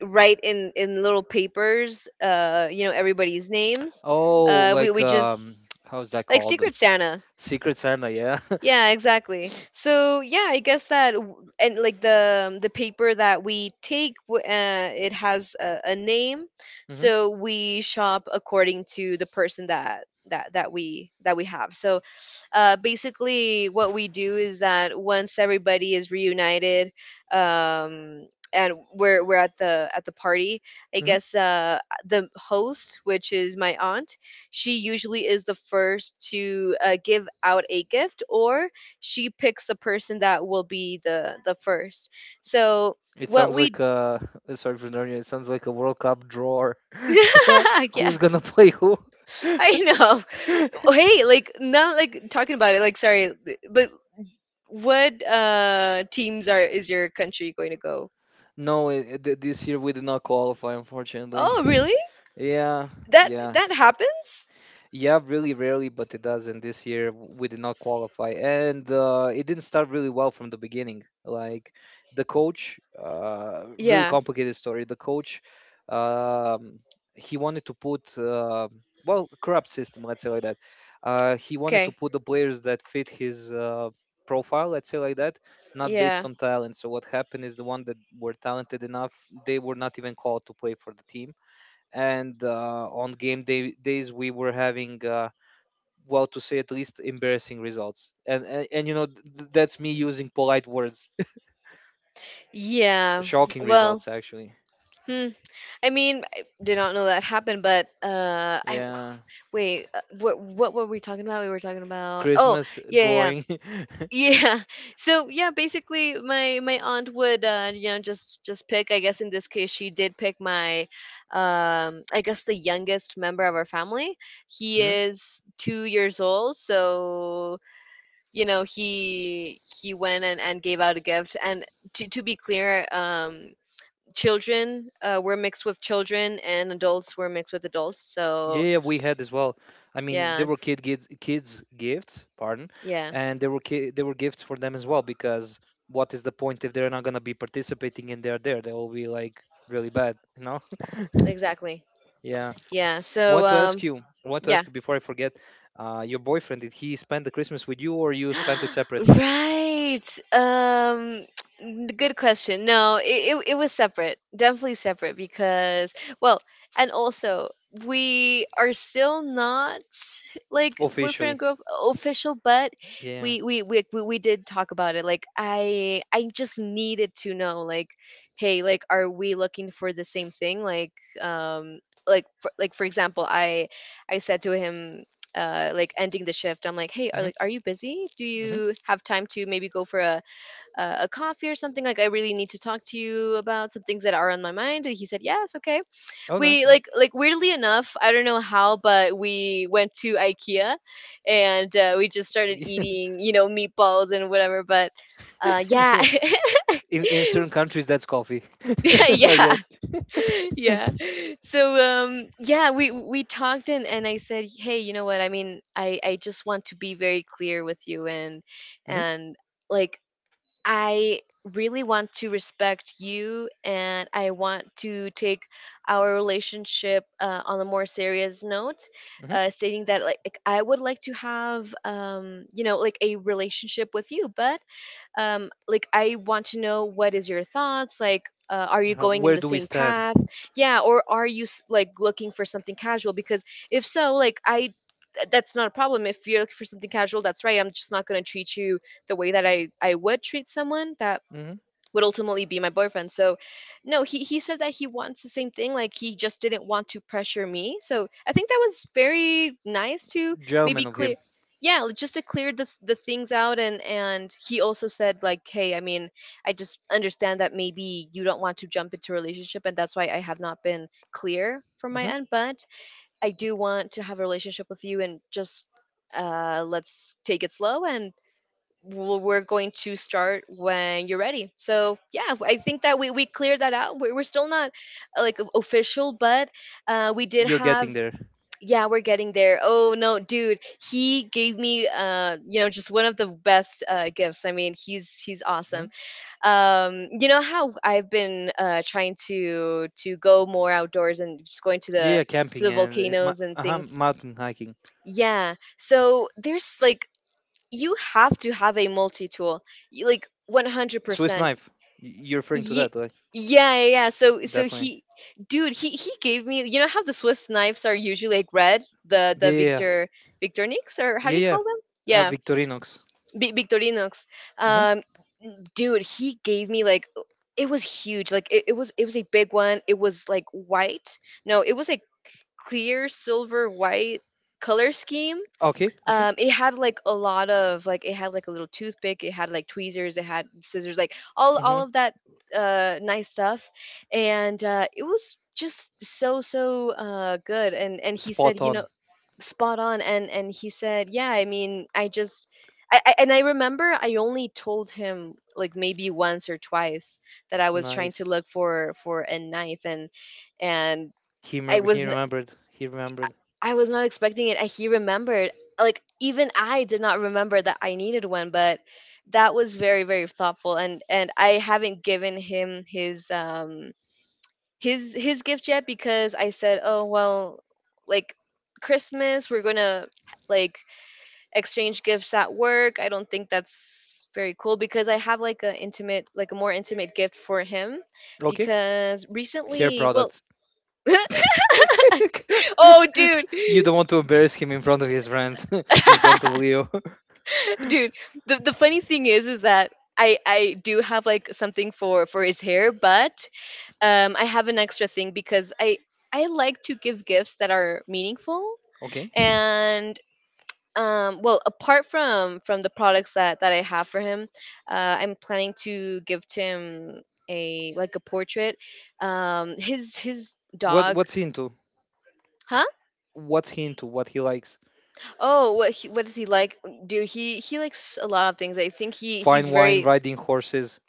write in little papers, everybody's names.
Oh,
Uh, we
like,
we
um,
just,
how's that
like,
called?
Secret Santa.
Secret Santa, yeah.
Yeah, exactly. So yeah, I guess that, and, like, the paper that we take, it has a name,
Hmm.
so we shop according to the person that we have. So, basically, what we do is that, once everybody is reunited, um, and we're at the, party, I
Hmm.
guess, the host, which is my aunt, she usually is the first to, give out a gift, or she picks the person that will be the first. So
It
what
sounds
we.
like, uh, sorry for nerding, it sounds like a World Cup drawer, you know,
Yeah.
who's gonna play who.
I know. Hey, like, now, like, talking about it, like, sorry, but what, teams are is your country going to go?
No, this year we did not qualify, unfortunately.
Oh, really?
Yeah,
That
yeah.
that happens?
Yeah, really rarely, but it does. And this year we did not qualify, and it didn't start really well from the beginning. Like, the coach, really
Yeah.
complicated story. The coach, um, he wanted to put well, corrupt system, let's say like that. He wanted to
Okay.
put the players that fit his profile, let's say like that, not based
Yeah.
on talent. So what happened is the one that were talented enough, they were not even called to play for the team, and on game day days we were having well, to say at least embarrassing results, and you know, that's me using polite words.
Yeah.
Shocking
Well,
results actually.
hmm. I mean, I did not know that happened, but, I.
Yeah,
Wait. What were we talking about? We were talking about. Oh,
Christmas
yeah,
drawing.
yeah, yeah. Yeah. So yeah, basically, my aunt would, just pick. I guess in this case she did pick my, I guess, the youngest member of our family. He
Hmm?
is 2 years old, so, he went and, gave out a gift. And, to be clear, children, were mixed with children, and adults were mixed with adults.
Yeah,
So
yeah, we had as well. I mean, there
yeah,
were kids gifts, pardon,
yeah,
and there were there were gifts for them as well because what is the point if they're not going to be participating, and they're there, they'll be like really bad, you know.
exactly.
Yeah.
Yeah. So,
Want to
yeah.
ask you before I forget, uh, your boyfriend, did he spend the Christmas with you, or you spent it separately?
Right. Good question. No, it was separate. Definitely separate, because, well, and also, we are still not, like, boyfriend and
Officially.
girlfriend official, but
Yeah.
we did talk about it. Like, I just needed to know, like, hey, like, are we looking for the same thing? Like, um like, like, for example, I said to him, like, ending the shift, I'm like, hey,
Hmm.
are you busy, do
Hmm.
you have time to maybe go for a coffee or something, like, I really need to talk to you about some things that are on my mind? And he said, yes, okay.
Oh,
We,
that's
like, weirdly enough, I don't know how, but we went to Ikea, and, we just started
yeah,
eating, meatballs and whatever. But,
yeah.
yeah.
In certain countries, that's coffee. I
Yeah.
guess.
Yeah. So, yeah, we talked, and I said, hey, you know what I mean, I just want to be very clear with you, and
Hmm.
and like, I really want to respect you, and I want to take our relationship, on a more serious note,
Hmm.
stating that, like, I would like to have, like, a relationship with you. But, like, I want to know what is your thoughts, like, are you
Uh,
going in
where
the
do we
same
stand?
path, yeah, or are you, like, looking for something casual, because, if so, like, that's not a problem. If you're looking for something casual, that's right. I'm just not going to treat you the way that I would treat someone that
Hmm.
would ultimately be my boyfriend. So, no, he said that he wants the same thing. Like, he just didn't want to pressure me. So I think that was very nice to maybe
Gentleman of
clear.
him.
Yeah, like, just to clear the things out, and he also said, like, hey, I mean, I just understand that maybe you don't want to jump into a relationship, and that's why I have not been clear from my
Hmm.
end. But I do want to have a relationship with you, and, just, let's take it slow, and we're going to start when you're ready. So yeah, I think that we cleared that out. We're still not, like, official, but, we did
You're
have.
getting there.
Yeah, we're getting there. Oh no, dude, he gave me, just one of the best, gifts. I mean, he's awesome.
Hmm.
You know how I've been, trying to go more outdoors and just going to the,
Yeah, camping and
volcanoes and
uh-huh,
things.
mountain hiking.
Yeah. So there's like, you have to have a multi tool, like, one hundred
Swiss
percent.
knife, you're referring to
Ye-
that, like.
Yeah, yeah, yeah. So, so
Definitely.
he, dude, he gave me. You know how the Swiss knives are usually like red, the
Yeah, yeah, yeah.
Victorinox or how do
Yeah,
you
yeah.
call them?
Uh,
Yeah,
Victorinox.
Victorinox. Um, Dude, he gave me like it was huge. It was a big one. It was like white. No, it was like clear silver white color scheme.
Okay, okay.
It had like a lot of like it had like a little toothpick, it had like tweezers, it had scissors, like all
Hmm.
all of that nice stuff. And it was just so good. And he said,
Spot
you know,
on.
spot on. And he said, yeah, I mean, I just I remember I only told him like maybe once or twice that I was trying to
Nice.
look for a knife. And I
He
was
remembered. He remembered.
I was not expecting it. And he remembered, like, even I did not remember that I needed one, but that was very, very thoughtful. And I haven't given him his, his gift yet because I said, oh, well, like Christmas, we're going to like exchange gifts at work. I don't think that's very cool because I have like a intimate, like a more intimate gift for him
Okay.
because
Hair
recently, well,
products.
oh dude.
You don't want to embarrass him in front of his friends, in front of Leo.
Dude, the funny thing is that I do have like something for his hair. But I have an extra thing because I like to give gifts that are meaningful.
Okay.
And well, apart from the products that I have for him, I'm planning to give him a, like, a portrait, his
What
dog.
what's he into?
Huh?
What's he into? What he likes?
Oh, what he, what does he like? Dude, he likes a lot of things. I think he's
Fine wine,
very,
riding horses,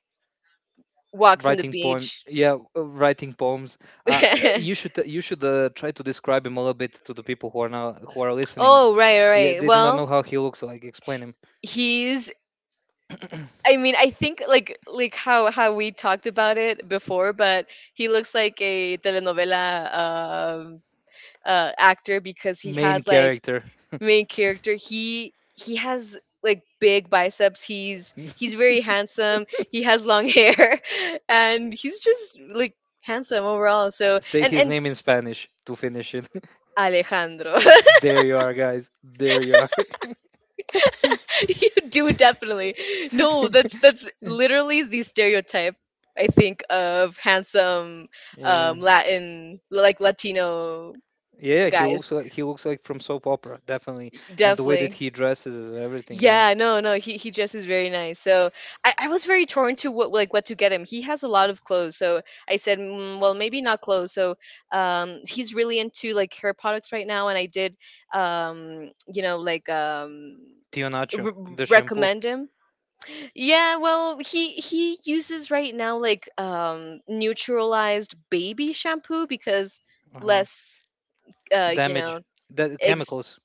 walks in the
writing poem.
beach.
Yeah, writing poems. You should, you should try to describe him a little bit to the people who are now who are listening.
Oh, right right
Yeah,
right.
they do not
Well,
know how he looks so, like. Explain him.
he's, I mean, I think like how we talked about it before, but he looks like a telenovela, actor, because he
Main
has like
character.
main character. He has like big biceps. He's very handsome. He has long hair, and he's just like handsome overall. So
Say
and
his
and
name in Spanish to finish it.
Alejandro.
There you are, guys. There you are.
You do definitely. No, that's that's literally the stereotype I think of handsome,
Yeah.
Latin, like Latino
Yeah, he looks
guys.
like, he looks like from soap opera, definitely. And the way that
Definitely.
he dresses is everything, yeah.
Yeah, no, he dresses very nice. So I was very torn to what, like what to get him. He has a lot of clothes, so I said, mm, well, maybe not clothes. So he's really into like hair products right now, and I did, you know, like
Tio Nacho,
r-
the shampoo.
recommend him. Yeah, well, he uses right now like neutralized baby shampoo, because
Uh-huh.
less, you know,
Damage. That
ex
chemicals.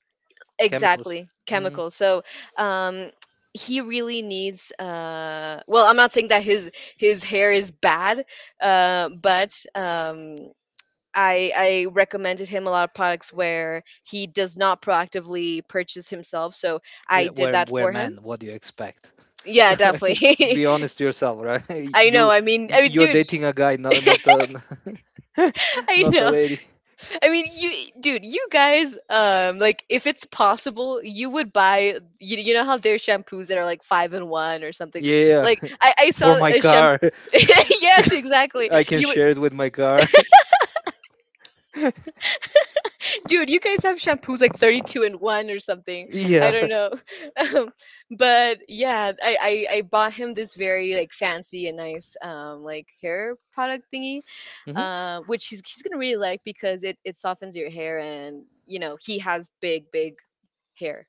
Chemicals.
exactly,
Mm.
chemicals. So, um he really needs, well, I'm not saying that his hair is bad, but I recommended him a lot of products where he does not proactively purchase himself, so I did that
We're
for him.
men. What do you expect?
Yeah, definitely.
Be honest to yourself, right?
I know.
You,
I mean,
you're
dude,
dating a guy, not not a
I
not a
know.
lady.
I mean, you, dude, you guys, like if it's possible, you would buy. You know how there's shampoos that are like five in one or something.
Yeah,
Like I
for
saw
my
a shampoo.
car.
Yes, exactly.
I can
You would,
share it with my car.
dude, you guys have shampoos like 32 and 1 or something. I
Yeah,
don't know. um, but yeah, I bought him this very like fancy and nice like hair product thingy,
hmm,
which he's gonna really like, because it softens your hair. And you know, he has big hair,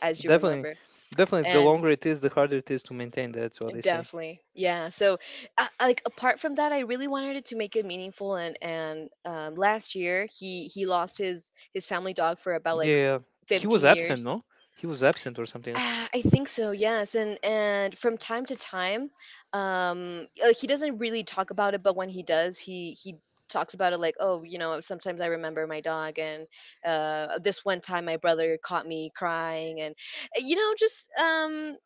as you
definitely.
remember.
Definitely, the
And
longer it is, the harder it is to maintain. That's what they say.
definitely, yeah. So, like apart from that, I really wanted it to make it meaningful. And last year, he lost his family dog for about like
Yeah, he was
15
absent,
years?
no? He was absent or something.
Ah, I think so. Yes. And from time to time, like he doesn't really talk about it, but when he does, he talks about it like, oh, you know, sometimes I remember my dog. And this one time, my brother caught me crying. And you know, just,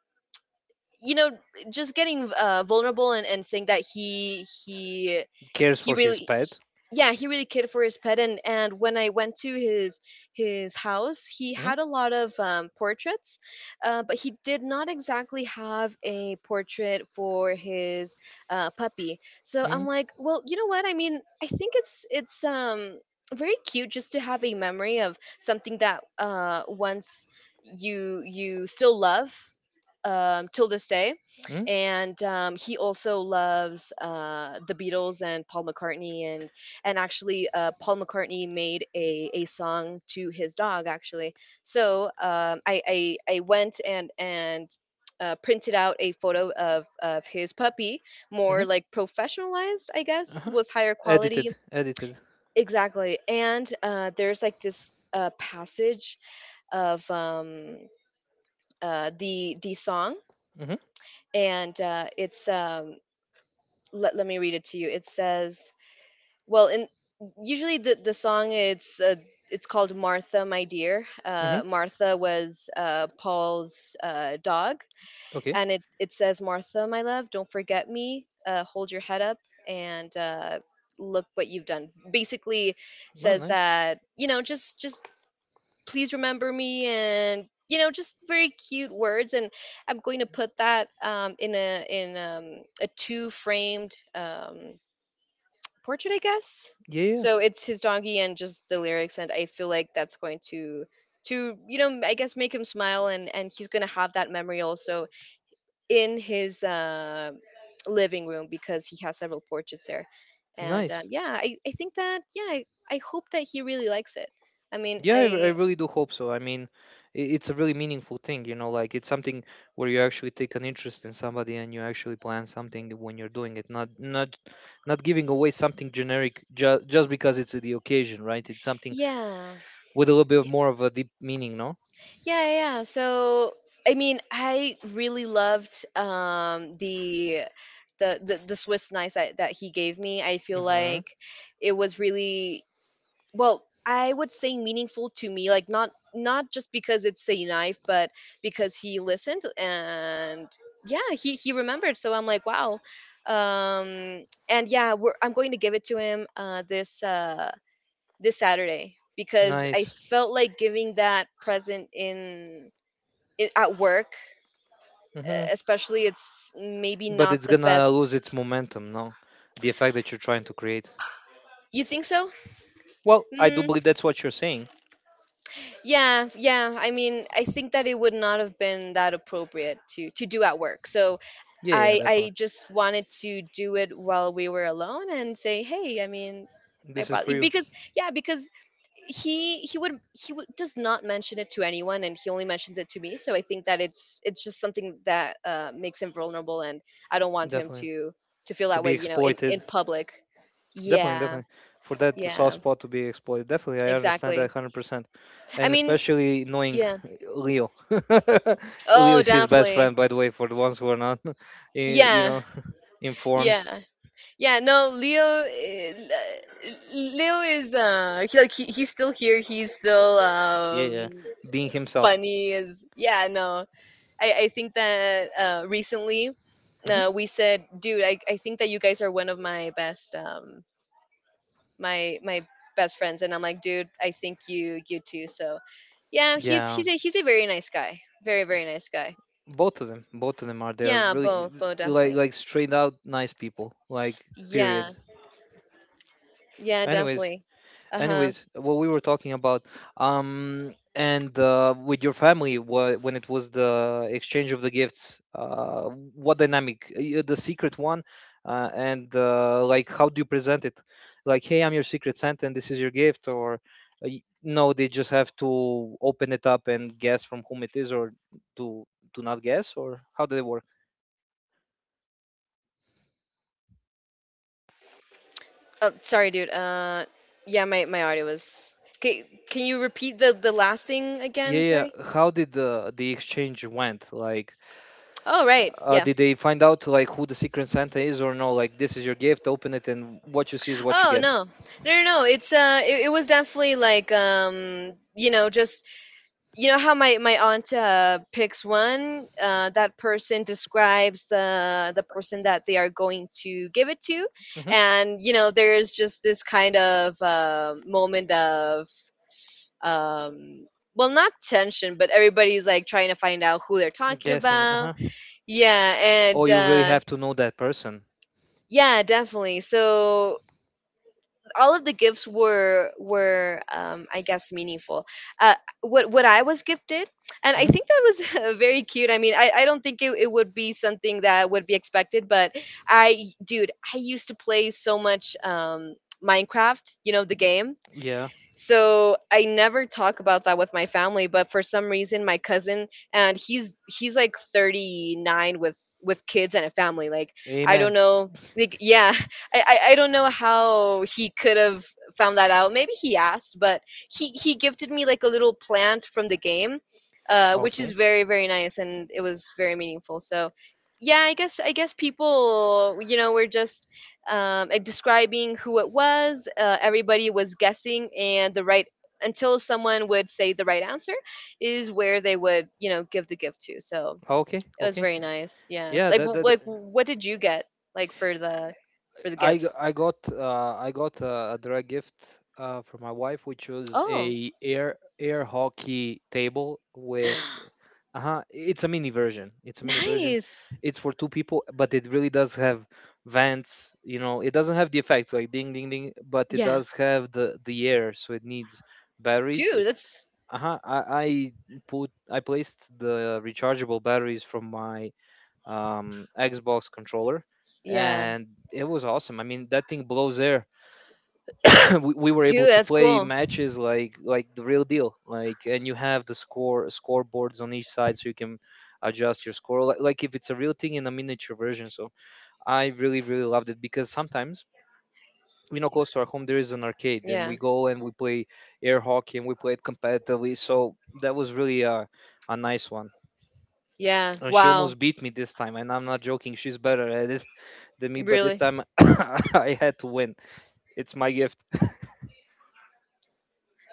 you know just getting vulnerable and saying that he he
Cares
he
for his
really
pet.
yeah, he really cared for his pet. And when I went to his house, he
Mm.
had a lot of portraits, but he did not exactly have a portrait for his puppy. So I'm
Mm.
like, well, you know what I mean, I think it's very cute just to have a memory of something that once you still love, till this day.
Mm.
And he also loves the Beatles and Paul McCartney. And actually, Paul McCartney made a song to his dog. Actually, so I went and printed out a photo of his puppy,
Mm.
more like professionalized, I guess,
Uh-huh.
with higher quality.
Edited, edited.
Exactly. And there's like this passage of the song.
Mm-hmm,
And it's, let me read it to you. It says, well, in, usually the song, it's called Martha My Dear.
mm-hmm.
Martha was Paul's dog.
Okay.
And it says, Martha my love, don't forget me, hold your head up, and look what you've done. Basically
Well,
says
nice.
that, you know, just please remember me. And you know, just very cute words. And I'm going to put that in a, in a two framed portrait, I guess.
Yeah,
So it's his donkey and just the lyrics. And I feel like that's going to, you know, I guess make him smile, and he's going to have that memory also in his living room, because he has several portraits there. And
nice.
yeah, I think that, yeah, I hope that he really likes it. I mean,
Yeah, I
I,
really do hope so. I mean, it's a really meaningful thing, you know, like it's something where you actually take an interest in somebody, and you actually plan something when you're doing it, not not not giving away something generic, just because it's the occasion, right? It's something
yeah.
with a little bit of
Yeah.
more of a deep meaning, no?
Yeah. So I mean, I really loved the Swiss knife that, that he gave me. I feel
Mm-hmm.
like it was really, well, I would say meaningful to me, like not, not just because it's a knife, but because he listened. And yeah, he remembered. So I'm like, wow. And yeah, we're, I'm going to give it to him this Saturday, because I
Nice.
felt like giving that present in, I, at work,
Mm-hmm.
especially, it's maybe
But
not
it's
the
gonna
best.
lose its momentum, no? The effect that you're trying to create.
You think so?
Well, I do
Mm,
believe that's what you're saying.
yeah, yeah. I mean, I think that it would not have been that appropriate to do at work. So
Yeah, yeah,
I
definitely.
just wanted to do it while we were alone and say, hey, I mean, I
This is
brought,
for you,
because yeah, because does not mention it to anyone, and he only mentions it to me. So I think that it's just something that makes him vulnerable, and I don't want him
definitely.
to
To
feel
be
that way, you know,
exploited.
in public.
Definitely,
Yeah.
definitely. For that soft
Yeah,
spot to be exploited, definitely, I understand that
exactly.
100%.
I
And
mean,
especially knowing
yeah.
Leo. Leo
Oh,
is his best
definitely.
friend, by the way, for the ones who are not, eh, you
Yeah.
know, informed.
Yeah. Yeah, no, Leo. Leo is he, like he, he's still here. He's still
Yeah, yeah. Being himself.
funny as, yeah. No, I think that recently,
Hmm.
we said, dude, I think that you guys are one of my best, my my best friends. And I'm like, dude, I think you too. So, yeah, he's
Yeah,
he's a he's a very nice guy. Very nice guy.
both of them. Both of them are there.
Yeah,
Really,
both definitely.
like straight out nice people. Like,
Yeah,
period.
yeah,
Anyways,
definitely. Uh huh.
anyways, what we were talking about and with your family, when it was the exchange of the gifts, what dynamic? The secret one. And Like, how do you present it? Like, hey, I'm your secret Santa and this is your gift? Or no, they just have to open it up and guess from whom it is? Or do, do not guess? Or how did it work?
Oh, sorry, dude. Yeah, my audio was. Okay, can you repeat the last thing
yeah
again?
yeah
Sorry.
yeah. how did the exchange went, like,
Oh, right. Yeah.
did they find out like who the secret Santa is or no? Like, this is your gift, open it, and what you see is what you
Oh,
get.
no. No. It's, it was definitely like, you know, just, you know how my, my aunt, picks one, that person describes the person that they are going to give it to.
Hmm.
And, you know, there's just this kind of moment of um well, not tension, but everybody's like trying to find out who they're talking
Guessing. Uh
about.
huh.
Yeah.
Oh,
and
you really have to know that person.
Yeah, definitely, so all of the gifts were I guess meaningful. uh what I was gifted, and I
Hmm.
think that was very cute. I mean, I don't think it would be something that would be expected, but I, dude, I used to play so much Minecraft, you know, the game.
Yeah.
So I never talk about that with my family, but for some reason my cousin, and he's like 39, with kids and a family, like, I don't
Amen.
know, like, yeah. I don't know how he could have found that out. Maybe he asked, but he gifted me like a little plant from the game, which is
Okay.
very, very nice, and it was very meaningful. So yeah, I guess, I guess people, you know, we're just and describing who it was. Everybody was guessing, and the right until someone would say the right answer is where they would, you know, give the gift to. So
Okay.
it was
Okay.
very nice. Yeah.
Yeah.
Like,
That, that
like, what did you get, like for the gifts?
I got a direct gift from my wife, which was
Oh,
a air hockey table with. Uh-huh, it's a mini version,
nice.
it's for two people, but it really does have vents. You know, it doesn't have the effects like ding ding ding, but it
Yeah,
does have the air, so it needs batteries. It,
dude, That's
uh-huh, I put I placed the rechargeable batteries from my Xbox controller,
yeah,
and it was awesome. I mean, that thing blows air. We were able
dude,
to
that's
play
cool.
matches like the real deal, like, and you have the score scoreboards on each side, so you can adjust your score, like if it's a real thing in a miniature version. So I really really loved it because sometimes, you know, close to our home there is an arcade, and
Yeah,
we go and we play air hockey, and we play it competitively, so that was really a nice one.
yeah.
And she
Wow.
almost beat me this time, and I'm not joking, she's better at it than me, but this
Really.
time I had to win. It's my gift.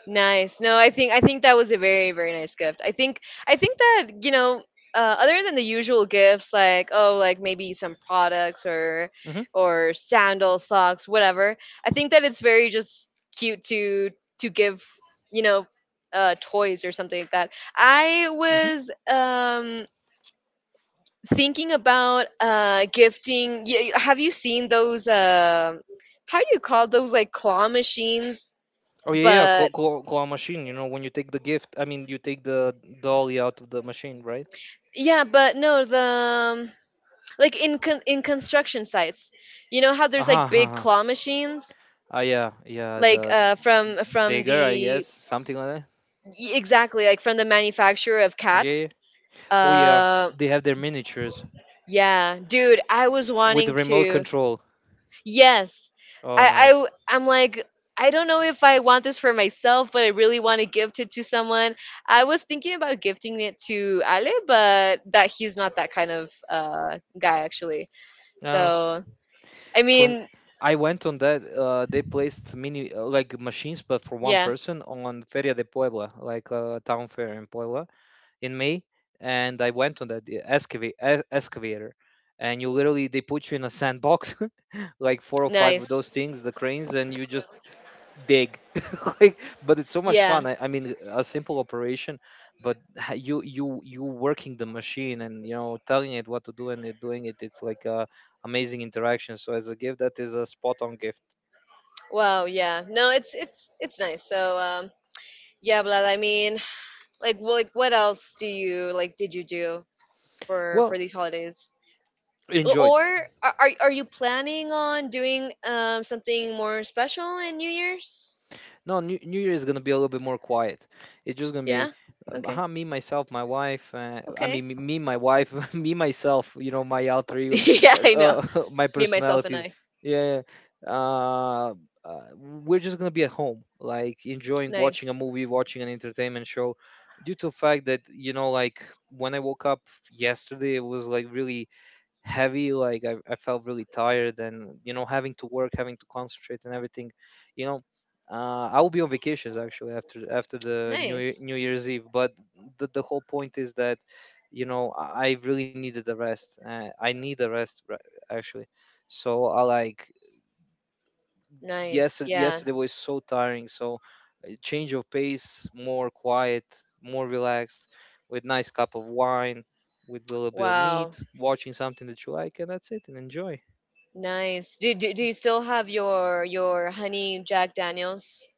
Nice. No, I think, I think that was a very, very nice gift. I think, I think that, you know, other than the usual gifts, like, oh, like maybe some products
Hmm.
or sandal socks, whatever. I think that it's very just cute to give, you know, toys or something like that. I
Hmm.
was thinking about gifting. Have you seen those? How do you call those, like, claw machines?
Oh yeah, yeah, claw,
But,
claw, claw machine. You know, when you take the gift, I mean, you take the dolly out of the machine, right?
yeah, but no, the um, like in in construction sites, you know how there's
Ah,
like
uh-huh,
big
uh-huh.
claw machines,
Ah, yeah, yeah.
like
The
from
digger, I
the,
guess, something like that.
exactly, like from the manufacturer of
Yeah,
Cat.
yeah. Oh yeah,
Uh,
they have their miniatures
yeah, dude, I was
with the
wanting
remote
to.
control.
Yes,
Oh, nice.
I'm like, I don't know if I want this for myself, but I really want to gift it to someone. I was thinking about gifting it to Ale, but that he's not that kind of guy, actually.
Yeah,
So I
for m-
mean,
I went on that. They placed mini like machines, but for one
yeah,
person on Feria de Puebla, like a town fair in Puebla in May, and I went on that excavator, and you literally, they put you in a sandbox, like four or five of
nice.
those things, the cranes, and you just dig. Like, but it's so much
Yeah.
fun. I mean, a simple operation, but you working the machine and, you know, telling it what to do and it doing it. It's like a amazing interaction. So as a gift, that is a spot on gift.
Wow, yeah. No, it's it's nice. So, yeah, but I mean, like like, what else do you like, did you do for
Well,
these holidays? Or
enjoyed.
are are you planning on doing something more special in New Year's?
No, New Year is gonna be a little bit more quiet. It's just gonna be
Yeah. Okay.
me, myself, my wife. I
Okay.
mean, my wife, me, myself. You know, my alter ego,
Yeah, I know.
my
Me, myself, and
personalities.
I.
Yeah. Yeah, yeah. We're just gonna be at home, like, enjoying watching a
Nice.
movie, watching an entertainment show. Due to the fact that, you know, like, when I woke up yesterday, it was like really heavy. Like, I felt really tired, and, you know, having to work, having to concentrate and everything, you know. I will be on vacations actually after the
Nice.
new year's eve, but the whole point is that, you know, I really needed a rest. I need a rest actually. So I like,
Nice.
yesterday,
Yeah.
yesterday was so tiring. So a change of pace, more quiet, more relaxed, with nice cup of wine, with a little bit of
Wow.
meat, watching something that you like, and that's it, and enjoy.
Nice. Do you still have your honey Jack Daniels?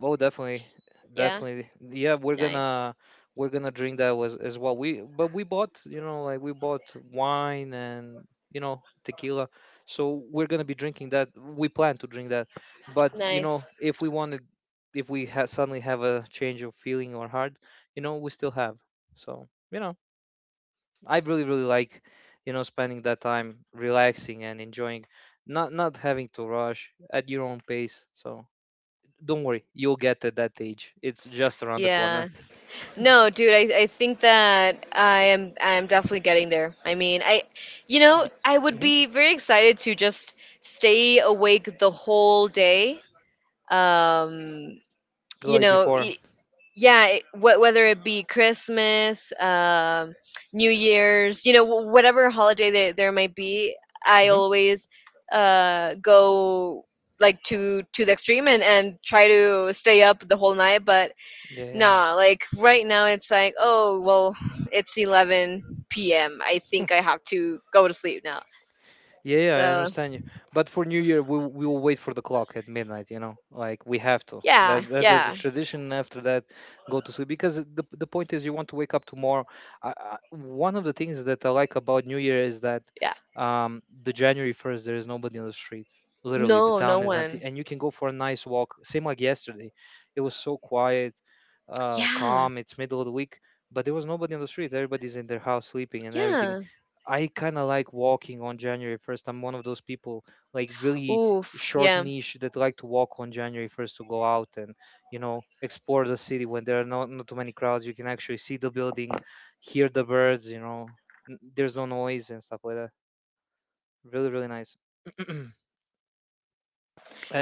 Oh, definitely,
Yeah.
definitely. Yeah, we're
Nice.
gonna, we're gonna drink that was as well. We, but we bought, you know, like, we bought wine and, you know, tequila, so we're gonna be drinking that. We plan to drink that, but, you
Nice.
know, if we wanted, if we suddenly have a change of feeling or heart, you know, we still have. So, you know, I really really like, you know, spending that time relaxing and enjoying, not having to rush at your own pace. So don't worry, you'll get at that age. It's just around the corner.
Yeah. No, dude, I think that I am, I am definitely getting there. I mean, I, you know, I would
Hmm.
be very excited to just stay awake the whole day. Um, you
Like
know,
before.
yeah, it, whether it be Christmas, New Year's, you know, whatever holiday there there might be, I
Hmm.
always go, like, to the extreme and try to stay up the whole night, but
Yeah, yeah.
nah, like, right now it's like, oh well, it's 11 p.m., I think I have to go to sleep now.
Yeah, yeah, I
So
understand you. But for New Year, we will wait for the clock at midnight. You know, like, we have to.
yeah,
That, that's a
yeah,
tradition. After that, go to sleep, because the point is you want to wake up tomorrow. One of the things that I like about New Year is that
yeah,
the January 1st there is nobody on the street. Literally, the
no, no
town is empty,
one,
and you can go for a nice walk. Same like yesterday, it was so quiet,
yeah,
calm. It's middle of the week, but there was nobody on the street. Everybody's in their house sleeping and everything.
yeah,
I kind of like walking on January 1st. I'm one of those people, like, really
oof,
short
yeah.
niche that like to walk on January 1st to go out and, you know, explore the city when there are not too many crowds. You can actually see the building, hear the birds, you know, there's no noise and stuff like that. Really, really nice.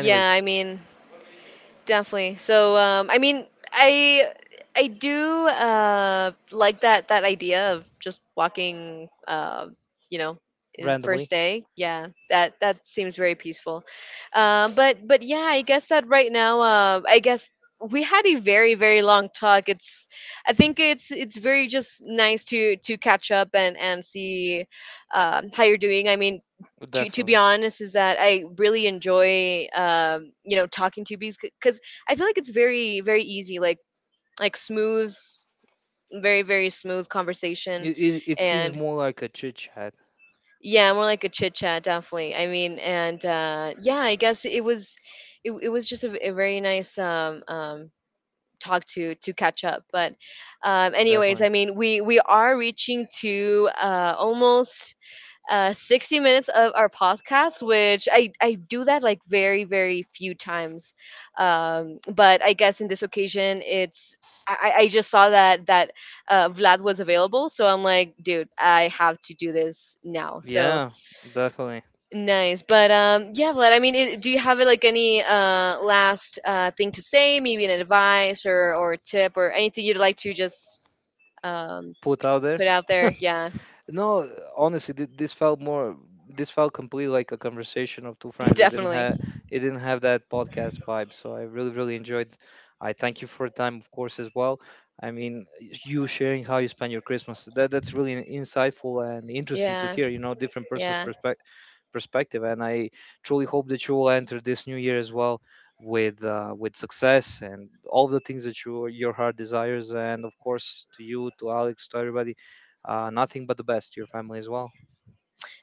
Yeah, I mean, definitely. So, I mean, I I do, like that that idea of just walking, you know, in first
randomly,
day. Yeah, that that seems very peaceful. But yeah, I guess that right now, I guess we had a very, very long talk. It's, I think it's very just nice to catch up and see how you're doing. I mean, to be
definitely.
honest, is that I really enjoy, you know, talking to bees, because I feel like it's very, very easy, like smooth, very, very smooth conversation.
It seems
And
more like a chit chat,
yeah, more like a chit chat definitely. I mean, and yeah, I guess it was, it was just a very nice talk to catch up, but
definitely.
anyways, I mean, we are reaching to almost 60 minutes of our podcast, which I do that like very, very few times. But I guess in this occasion, it's, I just saw that that Vlad was available, so I'm like, dude, I have to do this now. So
Yeah, definitely.
nice. But yeah, Vlad, I mean, it, do you have like any last thing to say, maybe an advice or tip, or anything you'd like to just um
Put out there.
put out there? Yeah.
No, honestly, this felt more. This felt completely like a conversation of two friends. It didn't
Definitely.
have. It didn't have that podcast vibe. So I really, really enjoyed. I thank you for your time, of course, as well. I mean, you sharing how you spend your Christmas. That's really insightful and interesting to
Yeah,
hear. You know, different person's
yeah.
perspective. Perspective, and I truly hope that you will enter this new year as well with success and all the things that you your heart desires. And of course, to you, to Alex, to everybody, nothing but the best to your family as well.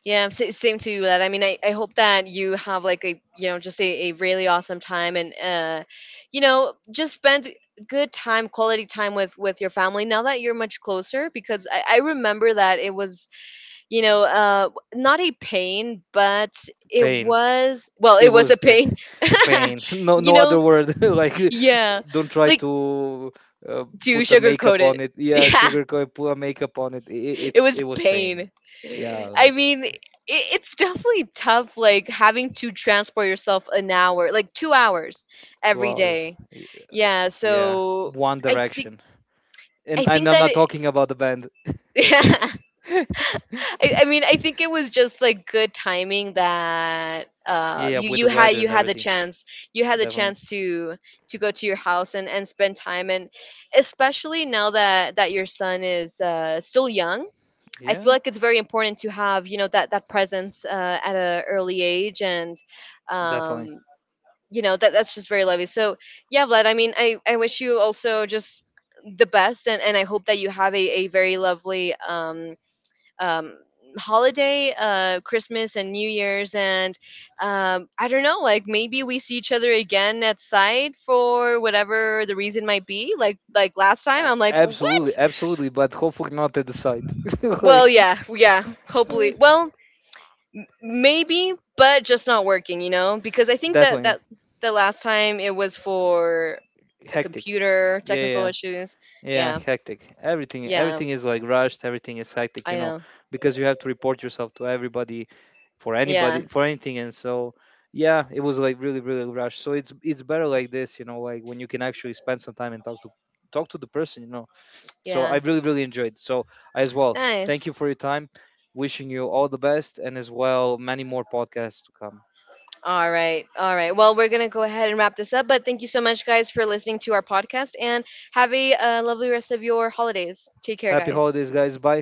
Yeah, same to you. That, I mean, I hope that you have like a, you know, just a really awesome time, and you know, just spend good time, quality time with your family, now that you're much closer, because I remember that it was, you know, not a pain, but it
Pain.
was, well,
It
it was a
was
pain.
pain. No,
You
no
know,
other word. Like,
yeah,
don't try
like,
to, uh,
to
put a
sugarcoat
makeup on
it.
it. Yeah,
Yeah,
sugarcoat. Put a makeup on it.
it was
It was pain.
pain.
Yeah,
I
like
mean, it, it's definitely tough, like having to transport yourself an hour, like 2 hours
two
every
hours.
day. Yeah,
Yeah,
so
One
I think,
Direction.
I think
And I'm
that
not
it.
talking about the band.
I mean, I think it was just like good timing that
Yeah,
you,
with the weather
you
and
had the
everything.
chance, you had the
Definitely.
chance to go to your house and spend time, and especially now that that your son is still young, I feel
Yeah,
like it's very important to have, you know, that that presence, at an early age, and um,
definitely.
you know, that that's just very lovely. So yeah, Vlad, I mean, I wish you also just the best, and I hope that you have a very lovely um holiday, Christmas and New Year's, and I don't know, like, maybe we see each other again at site for whatever the reason might be, like last time,
A-
I'm like,
absolutely,
what.
absolutely. But hopefully not at the site.
Well,
Like,
yeah, yeah, hopefully, well, maybe, but just not working, you know? Because I think that
definitely
that the last time it was for a
hectic.
computer
Yeah,
technical
Yeah,
issues.
Yeah,
Yeah.
hectic.
Yeah,
Everything is like rushed. Everything is hectic, you
I
know,
know.
because you have to report yourself to everybody,
Yeah.
for anything. And so, yeah, it was like really, really rushed. So it's better like this, you know, like when you can actually spend some time and talk to the person, you know. So I
Yeah.
really, really enjoyed. So, as well, thank
Nice.
you for your time. Wishing you all the best, and as well, many more podcasts to come.
All right. All right. Well, we're going to go ahead and wrap this up, but thank you so much, guys, for listening to our podcast, and have a, lovely rest of your holidays. Take care,
Happy
guys.
holidays, guys. Bye.